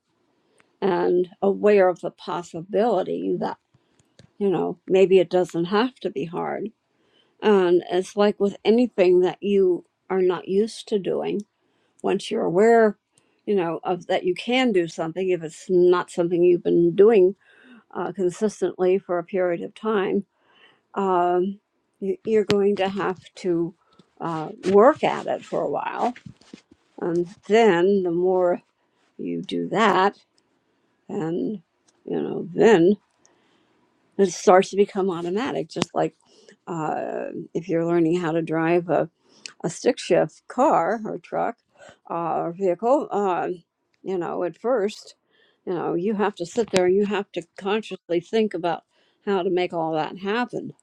A: and aware of the possibility that you know maybe it doesn't have to be hard and it's like with anything that you are not used to doing once you're aware you know of that you can do something if it's not something you've been doing uh, consistently for a period of time um, you, you're going to have to uh, work at it for a while and then the more you do that and you know then it starts to become automatic just like uh, if you're learning how to drive a, a stick shift car or truck uh, or vehicle uh, you know at first you know you have to sit there you have to consciously think about how to make all that happen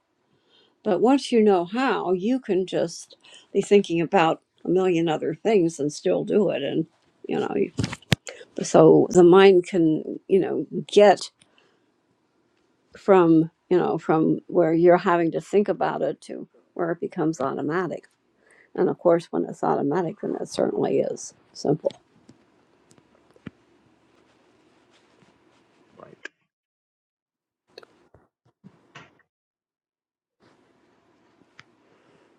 A: but once you know how you can just be thinking about a million other things and still do it and you know you- so the mind can you know get from you know from where you're having to think about it to where it becomes automatic and of course when it's automatic then it certainly is simple
C: right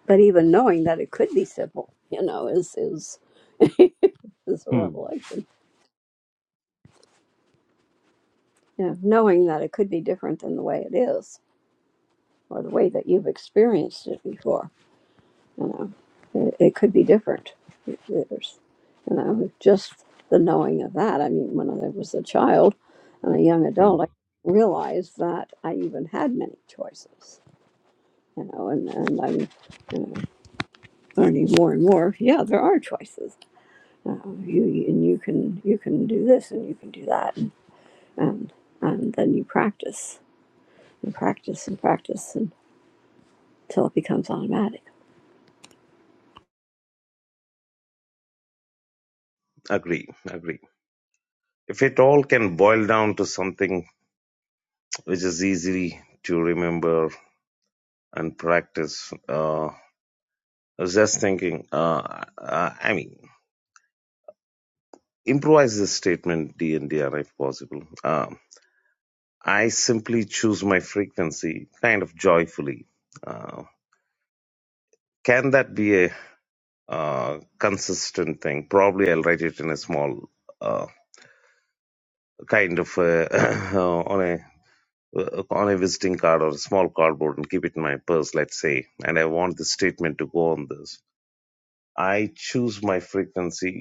A: but even knowing that it could be simple you know is is is a
C: Hmm.
A: revelation yeah knowing that it could be different than the way it is or the way that you've experienced it before You know, it, it could be different. It- There's, you know, just the knowing of that. I mean, when I was a child and a young
C: Hmm.
A: adult, I realized that I even had many choices. You know, and, and I'm you know, learning more and more. Yeah, there are choices. Uh, you you- and you can you can do this and you can do that, and and, and then you practice and practice and practice until it becomes automatic.
C: agree agree if it all can boil down to something which is easy to remember and practice uh, I was just thinking uh, uh, i mean improvise this statement d and dr if possible Um i simply choose my frequency kind of joyfully uh, can that be a uh, consistent thing probably i'll write it in a small uh, kind of uh, on a on a visiting card or a small cardboard and keep it in my purse let's say and i want the statement to go on this i choose my frequency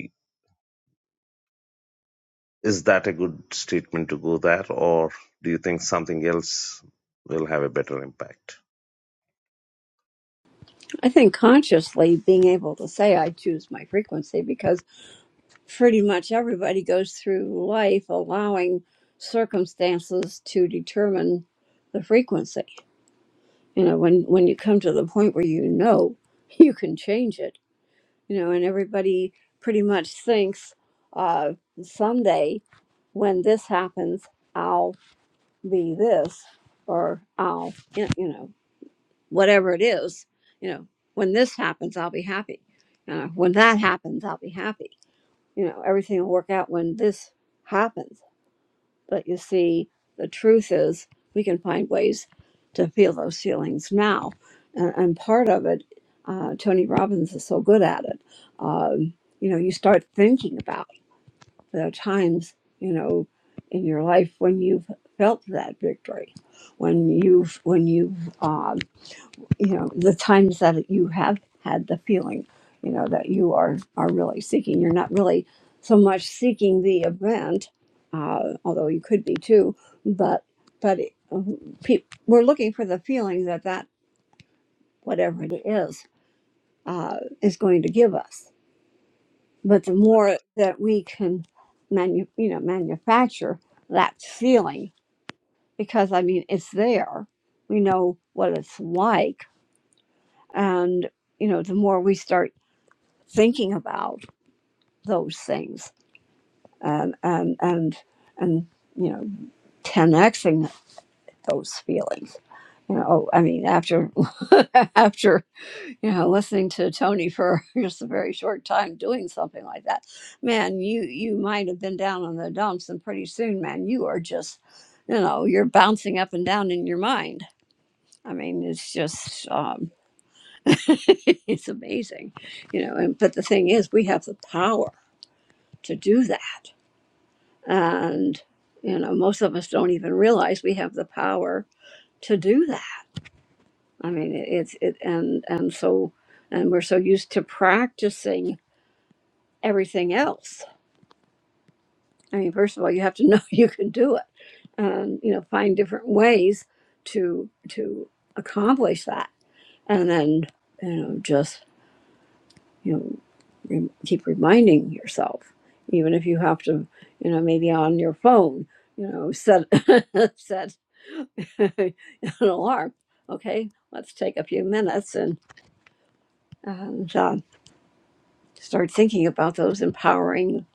C: is that a good statement to go there or do you think something else will have a better impact
A: I think consciously being able to say I choose my frequency because pretty much everybody goes through life allowing circumstances to determine the frequency. You know, when when you come to the point where you know you can change it, you know, and everybody pretty much thinks uh, someday when this happens, I'll be this, or I'll you you know whatever it is, you know, when this happens, I'll be happy. Uh, when that happens, I'll be happy you know, everything will work out when this happens. But you see, the truth is we can find ways to feel those feelings now. And, and part of it, uh, Tony Robbins is so good at it. Um, you know, you start thinking about the times, you know, in your life when you've felt that victory, when you've, when you've um, you know the times that you have had the feeling you know that you are are really seeking you're not really so much seeking the event uh, although you could be too but but uh, pe- we're looking for the feeling that that whatever it is uh, is going to give us but the more that we can manu- you know manufacture that feeling because i mean it's there we know what it's like and you know the more we start thinking about those things and and and and you know 10xing those feelings you know oh, i mean after after you know listening to tony for just a very short time doing something like that man you you might have been down in the dumps and pretty soon man you are just you know you're bouncing up and down in your mind i mean it's just um it's amazing you know and but the thing is we have the power to do that And, you know, most of us don't even realize we have the power to do that. I mean, it- it's, it, and, and so, and we're so used to practicing everything else. I mean, first of all, you have to know you can do it and, you know, find different ways to, to accomplish that. And then, you know, just. you know rem- keep reminding yourself even if you have to you know maybe on your phone you know set set an alarm okay let's take a few minutes and and uh, start thinking about those empowering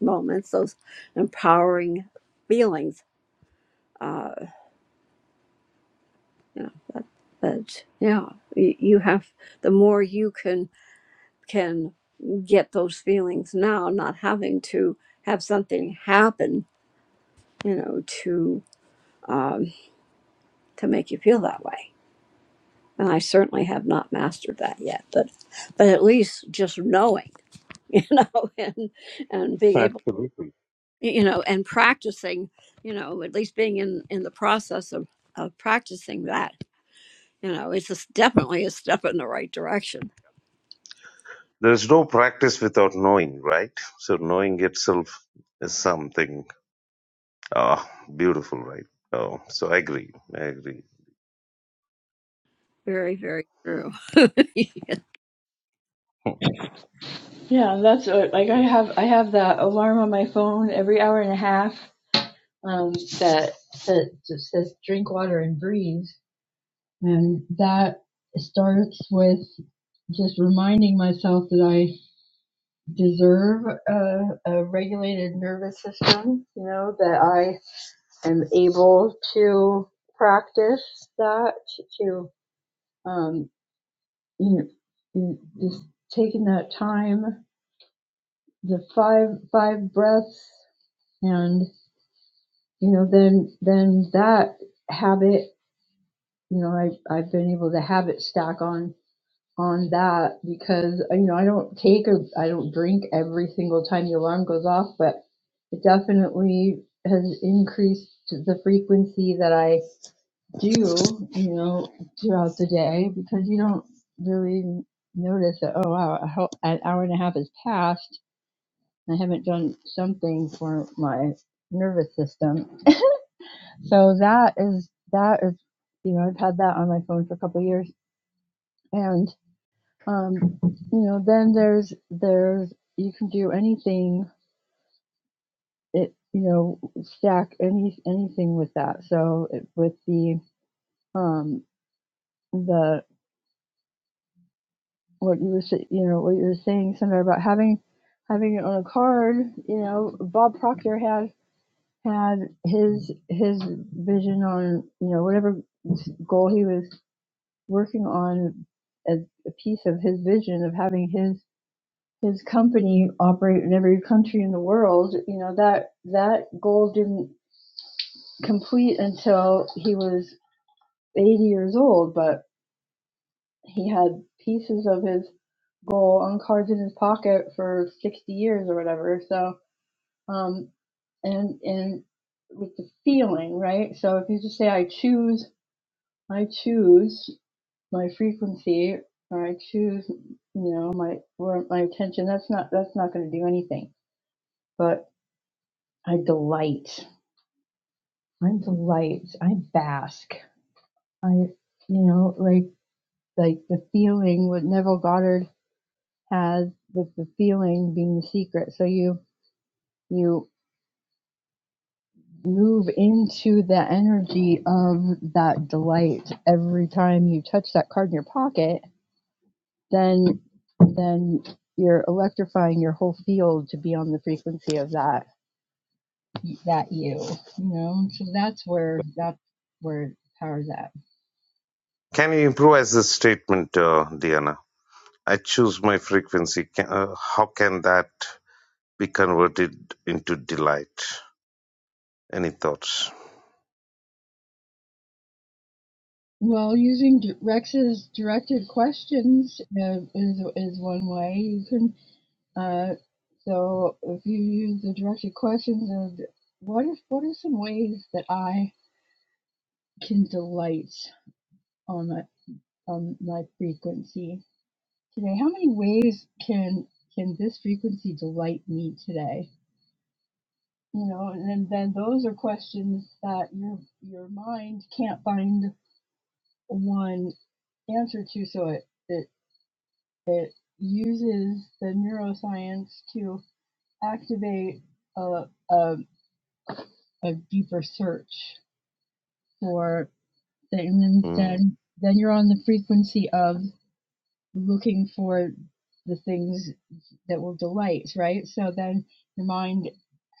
A: moments those empowering feelings uh you know that, that yeah you, you have the more you can can get those feelings now not having to have something happen you know, to um, to make you feel that way. And I certainly have not mastered that yet, but but at least just knowing, you know, and and being
C: Right.
A: able,
C: Absolutely.
A: you know, and practicing, you know, at least being in in the process of of practicing that, you know, it's just definitely a step in the right direction.
C: There's no practice without knowing, right? So knowing itself is something ah beautiful, right? Oh, so I agree. I agree.
A: Very, very true.
C: Hmm.
B: yeah that's what, like i have i have that alarm on my phone every hour and a half um, that that just says drink water and breathe, and that starts with just reminding myself that I deserve a, a regulated nervous system. You know that I am able to practice that to um, you know just taking that time, the five five breaths, and you know then then that habit you know I I've been able to have it stack on on that because uh, you know I don't take or I don't drink every single time the alarm goes off, but it definitely has increased the frequency that I do, you know, throughout the day because you don't really notice that oh wow a ho- an hour and a half has passed and I haven't done something for my nervous system. So that is that is you know I've had that on my phone for a couple of years And Um, you know, then there's there's you can do anything it you know stack any anything with that. So it, with the um the what you were you know what you were saying somewhere about having having it on a card. You know, Bob Proctor had had his his vision on you know whatever goal he was working on as a piece of his vision of having his his company operate in every country in the world. You know that that goal didn't complete until he was 80 years old, but he had pieces of his goal on cards in his pocket for 60 years or whatever. So, um, and and with the feeling, right? So if you just say, "I choose, I choose my frequency," or "I choose," you know, my or my attention. That's not that's not going to do anything. but I delight. I delight. I bask. I, you know, like like the feeling what Neville Goddard has with the feeling being the secret. So you you move into the energy of that delight every time you touch that card in your pocket. Then then you're electrifying your whole field to be on the frequency of that that you. You know, so that's where that's where powers at.
C: Can you improvise this statement, uh, Diana? I choose my frequency. Can, uh, how can that be converted into delight? Any thoughts?
B: Well, using di- Rex's directed questions uh, is is one way you can. Uh, so if you use the directed questions of what if what are some ways that I can delight on my on my frequency today? How many ways can can this frequency delight me today? You know, and then, then those are questions that your your mind can't find one answer to, so it it. It uses the neuroscience to activate a, a, a deeper search for things. And
C: Hmm.
B: then, then you're on the frequency of looking for the things that will delight, right? So then your mind,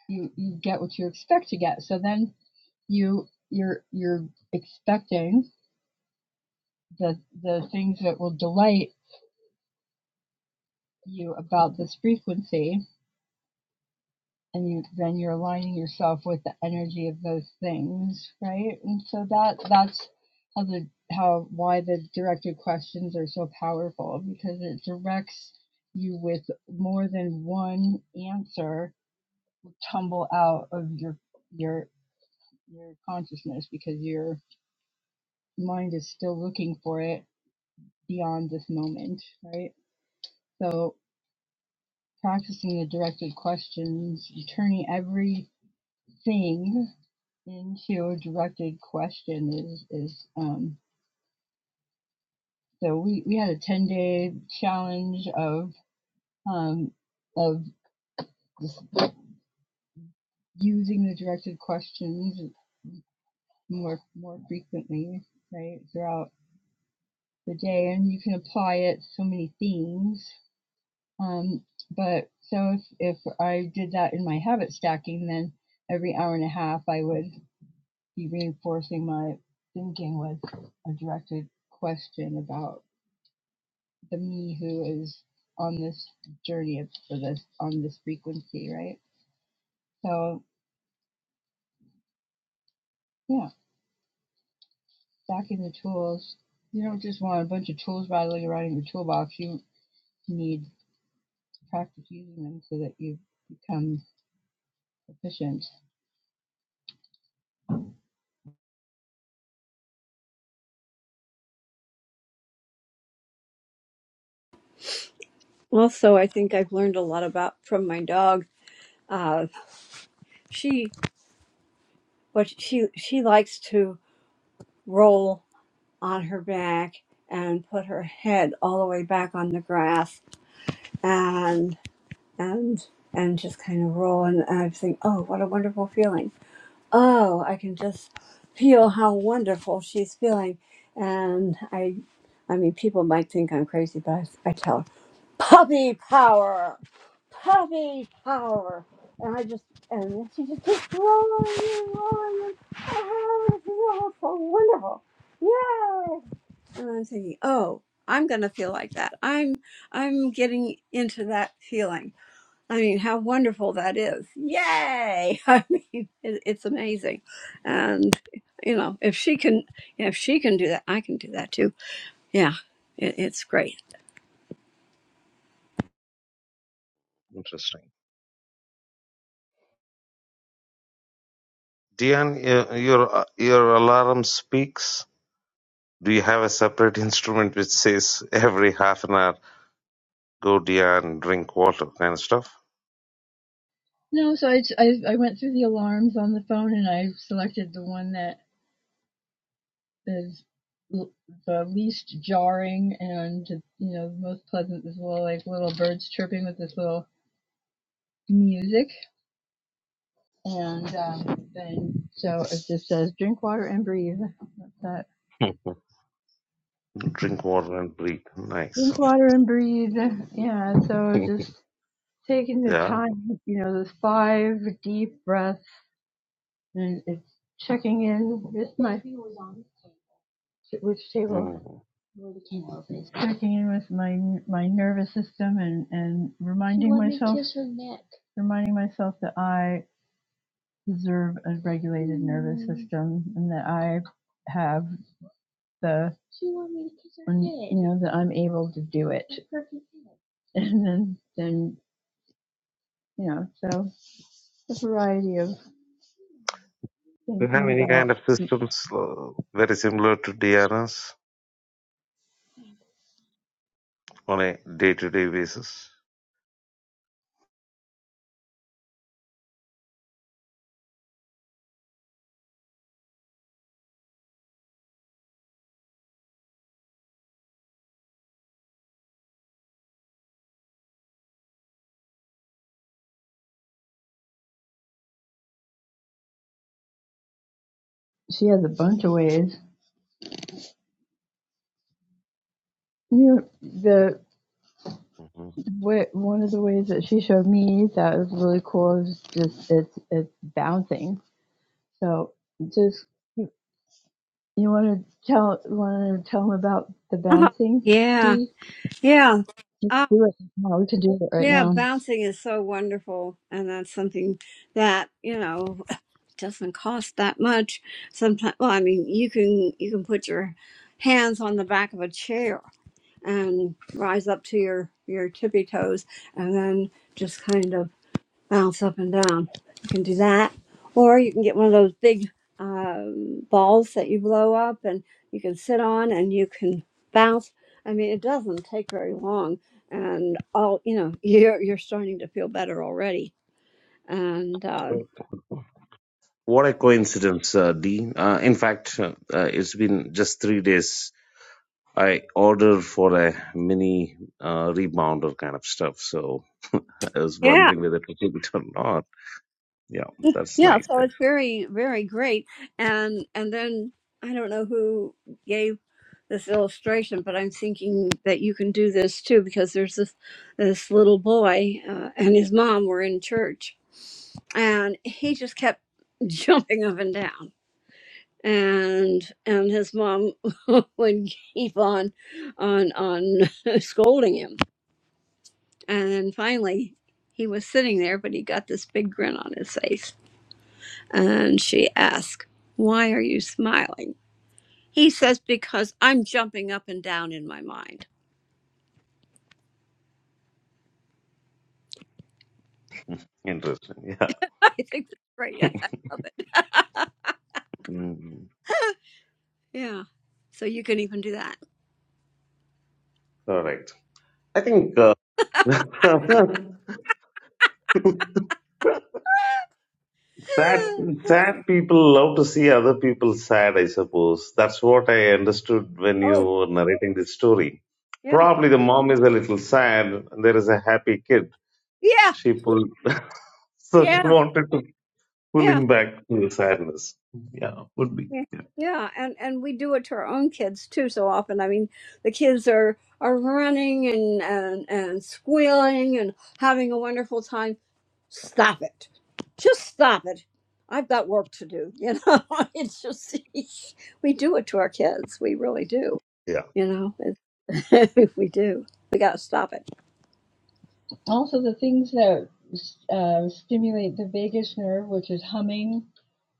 B: you, you get what you expect to get. So then you you're you're expecting the the things that will delight you about this frequency and you then you're aligning yourself with the energy of those things right and so that that's how the how why the directed questions are so powerful because it directs you with more than one answer tumble out of your your your consciousness because your mind is still looking for it beyond this moment right so practicing the directed questions turning every thing into your directed question is is um, so we, we had a 10 day challenge of um, of just using the directed questions more more frequently right throughout the day and you can apply it to so many themes um, but so if, if I did that in my habit stacking then every hour and a half I would be reinforcing my thinking with a directed question about the me who is on this journey for this on this frequency, right? So yeah, stacking the tools. You don't just want a bunch of tools rattling around in your toolbox. You need to practice using them so that you become efficient.
A: also, I think I've learned a lot about from my dog. Uh, she what she she likes to roll. on her back and put her head all the way back on the grass and and and just kind of roll and I think, oh, what a wonderful feeling. Oh, I can just feel how wonderful she's feeling. And I I mean people might think I'm crazy, but I, I tell her, puppy power, puppy power. And I just and then she just keeps rolling and rolling and oh, this is all so wonderful. Yay! And I'm thinking, oh, I'm going to feel like that. I'm I'm getting into that feeling. I mean, how wonderful that is! Yay! I mean, it, it's amazing. And you know, if she can, if she can do that, I can do that too. Yeah, it, it's great.
C: Interesting. Diane, uh, your uh, your alarm speaks. Do you have a separate instrument which says every half an hour Go there and drink water kind of stuff.
B: No, so I I I went through the alarms on the phone and I selected the one that is the least jarring and you know most pleasant. This little like little birds chirping with this little music And um, then, so it just says drink water and breathe. That's that.
C: drink water and breathe. Nice.
B: Drink water and breathe. Yeah. So just taking the
C: Yeah.
B: time, you know, those five deep breaths, and it's checking in with my which table.
C: Mm.
B: Where the candle is. Checking in with my my nervous system and and reminding you want myself me to kiss her neck. reminding myself that I deserve a regulated nervous mm. system and that I have. the when, you know that I'm able to do it, and then then you know so a variety of
C: Do you have
B: thinking
C: any kind
B: about.
C: of systems uh, very similar to DRS on a day-to-day basis?
B: She has a bunch of ways. You know, the
C: hmm
B: way, one of the ways that she showed me that was really cool is just it's it's bouncing. So just you, you want to tell want to tell them about the
A: Uh-huh.
B: bouncing?
A: Yeah,
B: See,
A: yeah,
B: just
A: uh,
B: do it. How to do it right
A: yeah.
B: now?
A: Bouncing is so wonderful, and that's something that you know. doesn't cost that much. Sometimes, well, I mean, you can you can put your hands on the back of a chair and rise up to your your tippy toes, and then just kind of bounce up and down. You can do that, or you can get one of those big um, balls that you blow up, and you can sit on and you can bounce. I mean, it doesn't take very long, and all you know, you're you're starting to feel better already, and. Uh,
C: Wait. What a coincidence, uh, Dean. Uh, in fact, uh, uh, it's been just three days I order for a mini uh, rebounder kind of stuff. So I was
A: yeah,
C: wondering whether to keep it or not. Yeah, that's
A: Yeah,
C: nice.
A: so
C: That's
A: it's very, very great. And and then I don't know who gave this illustration, but I'm thinking that you can do this too because there's this this little boy uh, and his mom were in church, and he just kept jumping up and down. And and his mom would keep on on on scolding him. And then finally he was sitting there, but he got this big grin on his face and she asks, Why are you smiling? He says, Because I'm jumping up and down in my mind.
C: interesting. Yeah.
A: I think that's great. Yeah, I love it.
C: Mm,
A: Yeah. So you can even do that.
C: Correct. I think uh, sad, sad people love to see other people sad, I suppose. That's what I understood when you
A: oh,
C: were narrating this story.
A: yeah.
C: Probably the mom is a little sad. There is a happy kid.
A: Yeah.
C: She pulled. So she
A: Yeah.
C: wanted to
A: Yeah.
C: pulling back to sadness. Yeah, would be.
A: Yeah.
C: Yeah.
A: Yeah. And and we do it to our own kids too so often. I mean, the kids are are running and and, and squealing and having a wonderful time stop it. Just stop it. I've got work to do. You know, it's just, we do it to our kids. We really do.
C: Yeah.
A: You know, It's- we do. We got to stop it.
B: Also, the things that uh, stimulate the vagus nerve, which is humming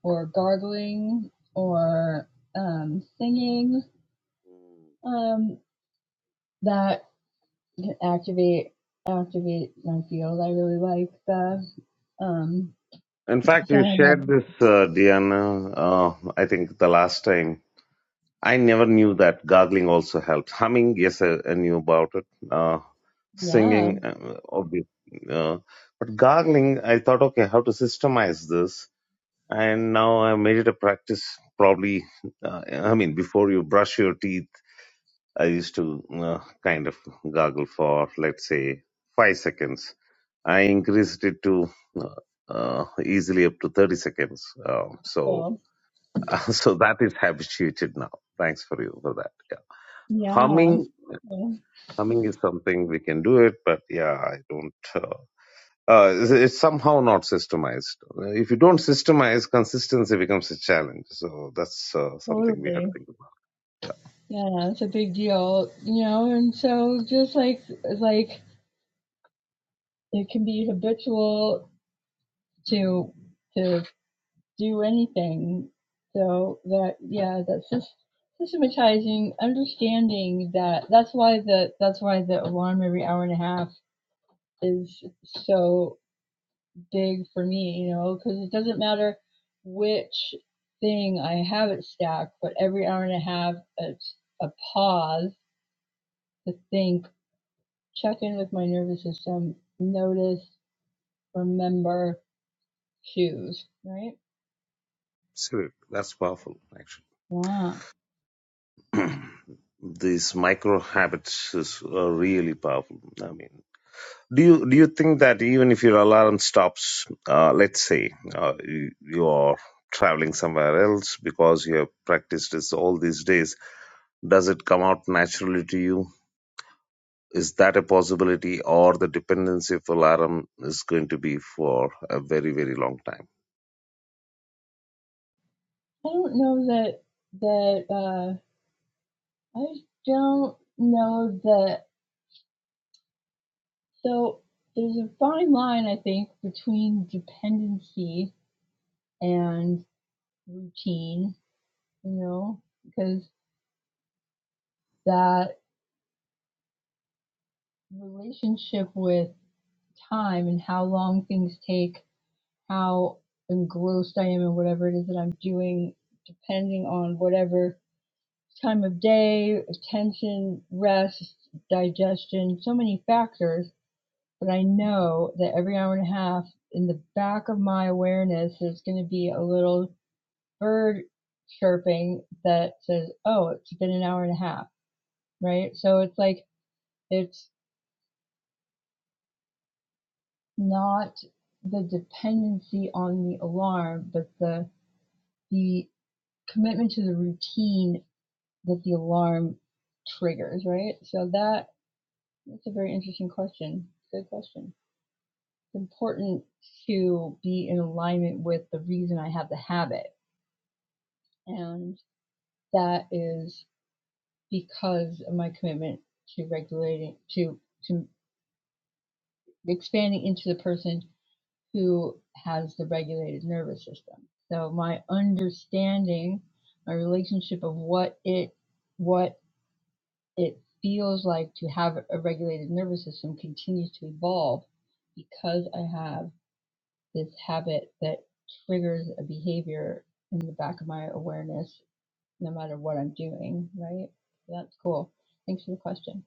B: or gargling or um, singing, um, that can activate activate my field. I really like that. Um,
C: In fact,
B: so
C: you
B: I have a
C: shared this, uh, Diana, uh, I think the last time. I never knew that gargling also helped. Humming, yes, I, I knew about it. Uh,
B: yeah,
C: singing, uh, obvious. Uh, but gargling, I thought, okay, how to systemize this. And now I made it a practice, probably, uh, I mean, before you brush your teeth. I used to uh, kind of gargle for, let's say, five seconds. I increased it to uh, uh, easily up to 30 seconds. Um, so,
B: cool,
C: so that is habituated now. Thanks for you for that. Yeah.
B: yeah,
C: Humming,
B: yeah,
C: humming is something we can do it, but yeah, I don't. Uh, uh, it's it's somehow not systemized. If you don't systemize, consistency becomes a challenge. So that's uh, something we have to
B: totally,
C: think about. Yeah.
B: yeah. It's a big deal, you know. And so just like like it can be habitual to to do anything. So that yeah, that's just systematizing, understanding that that's why the that's why the alarm every hour and a half is so big for me. You know, because it doesn't matter which thing I have it stacked, but every hour and a half it's a pause to think, check in with my nervous system, notice, remember, choose. Right?
C: Absolutely. That's powerful,
B: Wow.
C: actually. These micro habits is uh, really powerful. I mean, do you do you think that even if your alarm stops, uh, let's say uh, you, you are traveling somewhere else because you have practiced this all these days, does it come out naturally to you? Is that a possibility, or the dependency of alarm is going to be for a very, very long time?
B: I don't know that that. uh, I don't know that. So there's a fine line, I think, between dependency and routine, you know, because that relationship with time and how long things take, how engrossed I am in whatever it is that I'm doing, depending on whatever time of day, attention, rest, digestion, so many factors but I know that every hour and a half in the back of my awareness, there's going to be a little bird chirping that says, oh, it's been an hour and a half, right? So it's like, it's not the dependency on the alarm, but the, the commitment to the routine that the alarm triggers, right? So that, that's a very interesting question. Good question. It's important to be in alignment with the reason I have the habit And that is because of my commitment to regulating, to, to expanding into the person who has the regulated nervous system. So my understanding, my relationship of what it, what it feels like to have a regulated nervous system continues to evolve because I have this habit that triggers a behavior in the back of my awareness no matter what I'm doing, right? That's cool. Thanks for the question.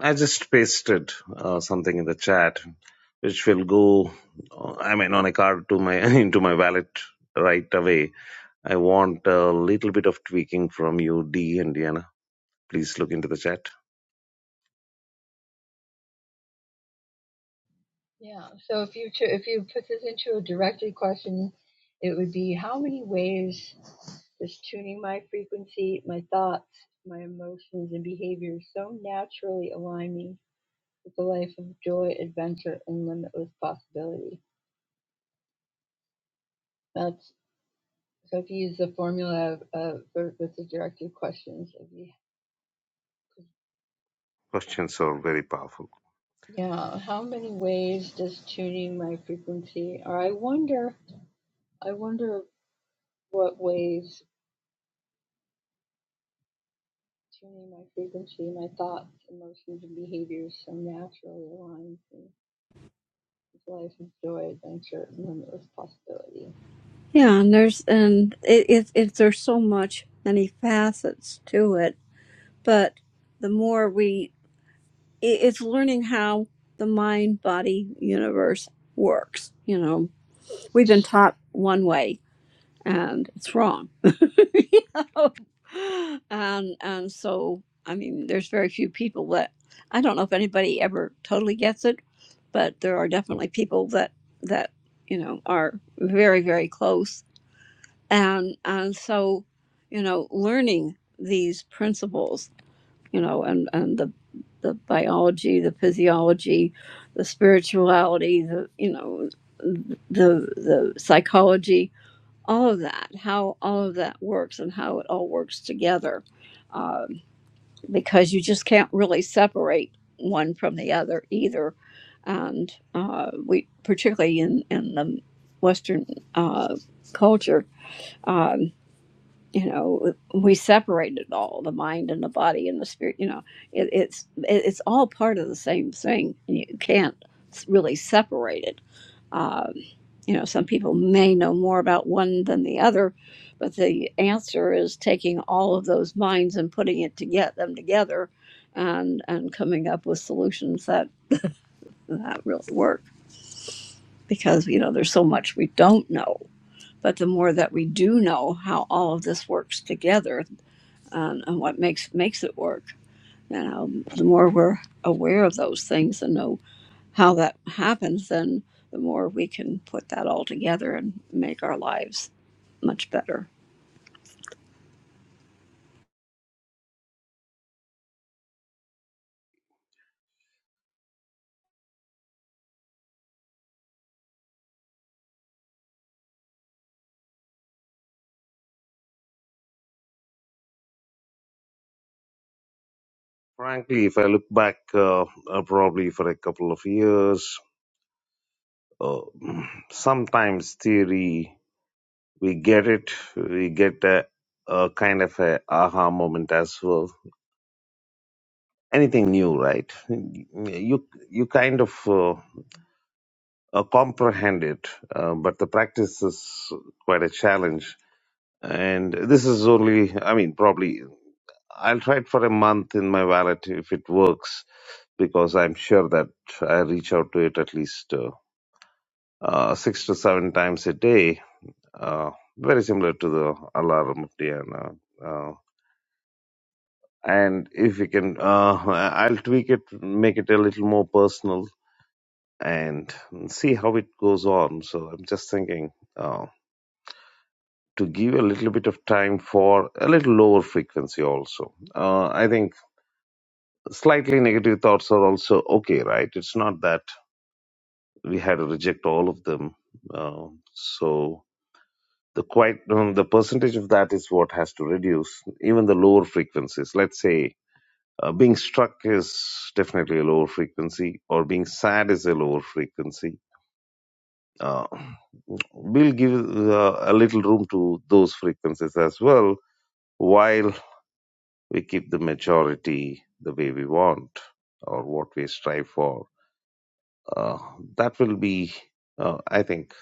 C: I just pasted uh, something in the chat, which will go. uh, I mean, on a card to my into my wallet right away. I want a little bit of tweaking from you, D and Diana. Please look into the chat.
B: Yeah. So if you cho- if you put this into a directed question, it would be how many ways does tuning my frequency, my thoughts, my emotions, and behaviors so naturally align me with a life of joy, adventure, and limitless possibility? That's so if you use the formula of, of for, with the directed questions, it'd
C: Questions are very powerful.
B: yeah. How many ways does tuning my frequency, or I wonder I wonder what ways tuning my frequency, my thoughts, emotions, and behaviors so naturally aligns me with life and joy, adventure, and limitless possibility.
A: Yeah. And there's, and it, it, it, there's so much, many facets to it. But the more we, it, it's learning how the mind body universe works. You know, we've been taught one way and it's wrong and and so I mean, there's very few people that I don't know if anybody ever totally gets it, but there are definitely people that that you know are very very close, and and so you know learning these principles, you know, and and the the biology, the physiology, the spirituality, the you know the the psychology all of that, how all of that works and how it all works together, um, because you just can't really separate one from the other either. And uh, we, particularly in in the Western uh, culture, um, you know we separated all the mind and the body and the spirit you know it, it's it, it's all part of the same thing you can't s- really separate it um, you know some people may know more about one than the other but the answer is taking all of those minds and putting it to get them together and and coming up with solutions that that really work because you know there's so much we don't know but the more that we do know how all of this works together and, and what makes makes it work. You know, the more we're aware of those things and know how that happens, then the more we can put that all together and make our lives much better.
C: Frankly, if I look back, uh, uh, probably for a couple of years, uh, sometimes theory we get it. We get a, a kind of a aha moment as well. Anything new, right? You you kind of uh, uh, comprehend it, uh, but the practice is quite a challenge. And this is only, I mean, probably I'll try it for a month in my wallet if it works, because I'm sure that I reach out to it at least uh, uh, six to seven times a day. Uh, very similar to the alarm of Diana. and if you can uh, i'll tweak it make it a little more personal and see how it goes on so i'm just thinking uh, to give a little bit of time for a little lower frequency also uh, i think slightly negative thoughts are also okay right it's not that we had to reject all of them uh, so the quite um, the percentage of that is what has to reduce even the lower frequencies let's say Uh, being struck is definitely a lower frequency, or being sad is a lower frequency. Uh, we'll give uh, a little room to those frequencies as well, while we keep the majority the way we want or what we strive for. Uh, that will be, uh, I think,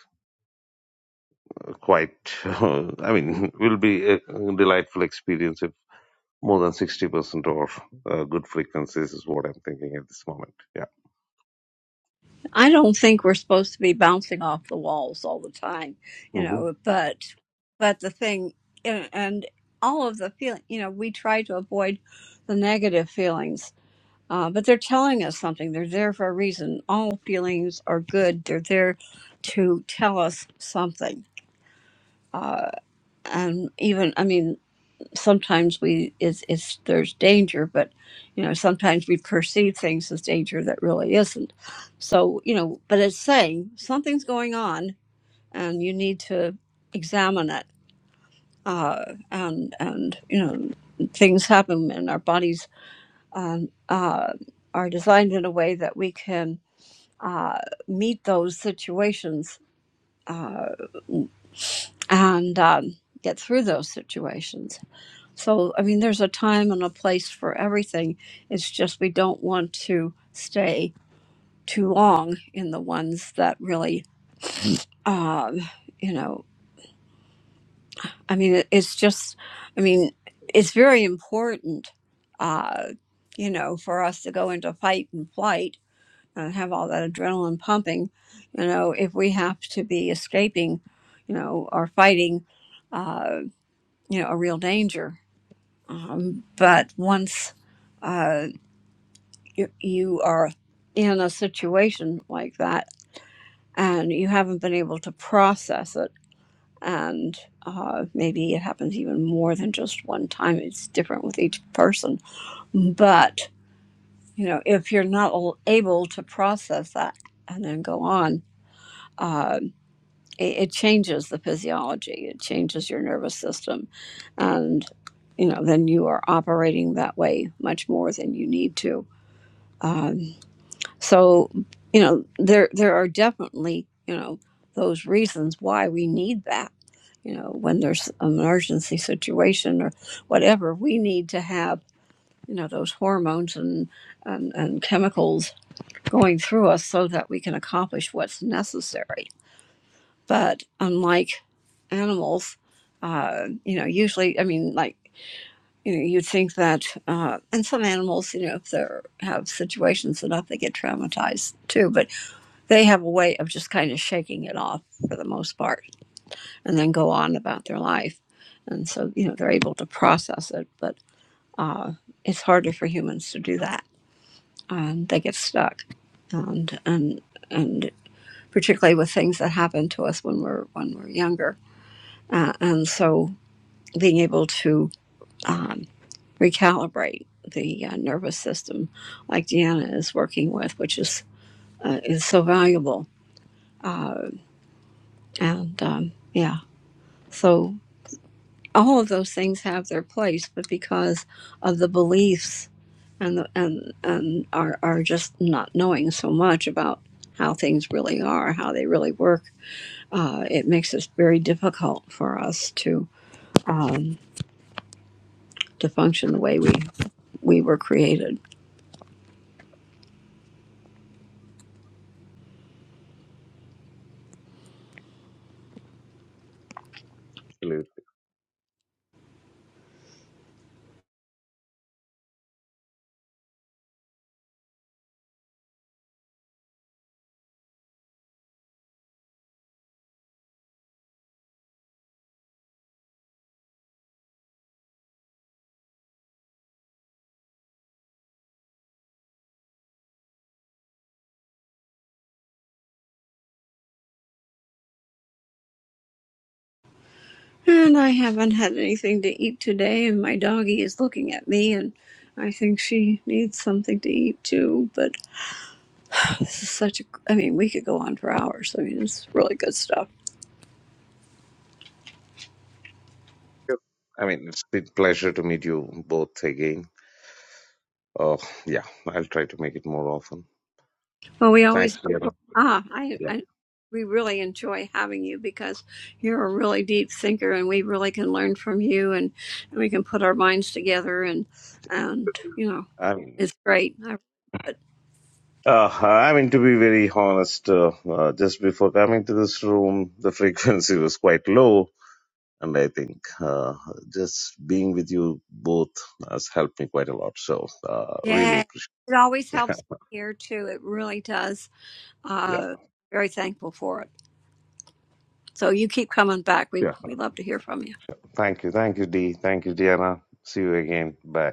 C: quite. I mean, will be a delightful experience if more than sixty percent or uh, good frequencies is what I'm thinking at this moment. Yeah.
A: I don't think we're supposed to be bouncing off the walls all the time, you know,
C: Mm-hmm.
A: but but the thing and and all of the feeling, you know, we try to avoid the negative feelings Uh, but they're telling us something. They're there for a reason. All feelings are good. They're there to tell us something. Uh, and even, I mean, sometimes we it's, it's there's danger, but you know, sometimes we perceive things as danger that really isn't. So you know, but it's saying something's going on, and you need to examine it. Uh, and and you know, things happen, and our bodies um, uh, are designed in a way that we can uh, meet those situations uh, and um, get through those situations. So, I mean, there's a time and a place for everything. It's just we don't want to stay too long in the ones that really, um, you know, I mean, it- it's just, I mean, it's very important, uh, you know, for us to go into fight and flight and have all that adrenaline pumping, you know, if we have to be escaping, you know, or fighting, uh, you know, a real danger. Um, but once uh, you, you are in a situation like that and you haven't been able to process it, and uh, maybe it happens even more than just one time, it's different with each person. But, you know, if you're not al- able to process that and then go on, uh, it, it changes the physiology it changes your nervous system and you know then you are operating that way much more than you need to um, so you know there there are definitely you know those reasons why we need that you know when there's an emergency situation or whatever we need to have you know those hormones and and, and chemicals going through us so that we can accomplish what's necessary but unlike animals, uh, you know, usually, I mean, like, you know, you'd think that, uh, and some animals, you know, if they have situations enough, they get traumatized too, but they have a way of just kind of shaking it off for the most part and then go on about their life. And so, you know, they're able to process it, but uh, it's harder for humans to do that. Um, they get stuck. And, and, and particularly with things that happen to us when we're, when we're younger Uh, and so being able to um, recalibrate the uh, nervous system like Deanna is working with, which is, uh, is so valuable. Uh, and um, yeah, so all of those things have their place, but because of the beliefs and, the, and, and are, are just not knowing so much about how things really are, how they really work, uh, it makes it very difficult for us to, to function the way we, we were created. And I haven't had anything to eat today, and my doggie is looking at me, and I think she needs something to eat too. But this is such a, I mean, we could go on for hours. I mean, it's really good stuff.
C: I mean, it's a pleasure to meet you both again. Uh, yeah, I'll try to make it more often.
A: Well, we
C: Thanks,
A: always,
C: Darren.
A: ah, I,
C: Yeah.
A: I, we really enjoy having you because you're a really deep thinker, and we really can learn from you, and, and we can put our minds together, and, and, you know,
C: I mean,
A: it's great. I, but
C: uh, I mean, to be very honest, uh, uh, just before coming to this room, the frequency was quite low. And I think uh, just being with you both has helped me quite a lot. So, uh, really
A: yeah,
C: appreciate
A: it always helps here too. It really does.
C: Yeah.
A: uh, very thankful for it. So you keep coming back. We
C: Yeah.
A: we love to hear from you.
C: Thank you. Thank you, Dee. Thank you, Diana. See you again. Bye.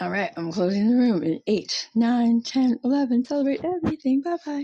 B: All right, I'm closing the room in eight, nine, ten, eleven. Celebrate everything. Bye bye.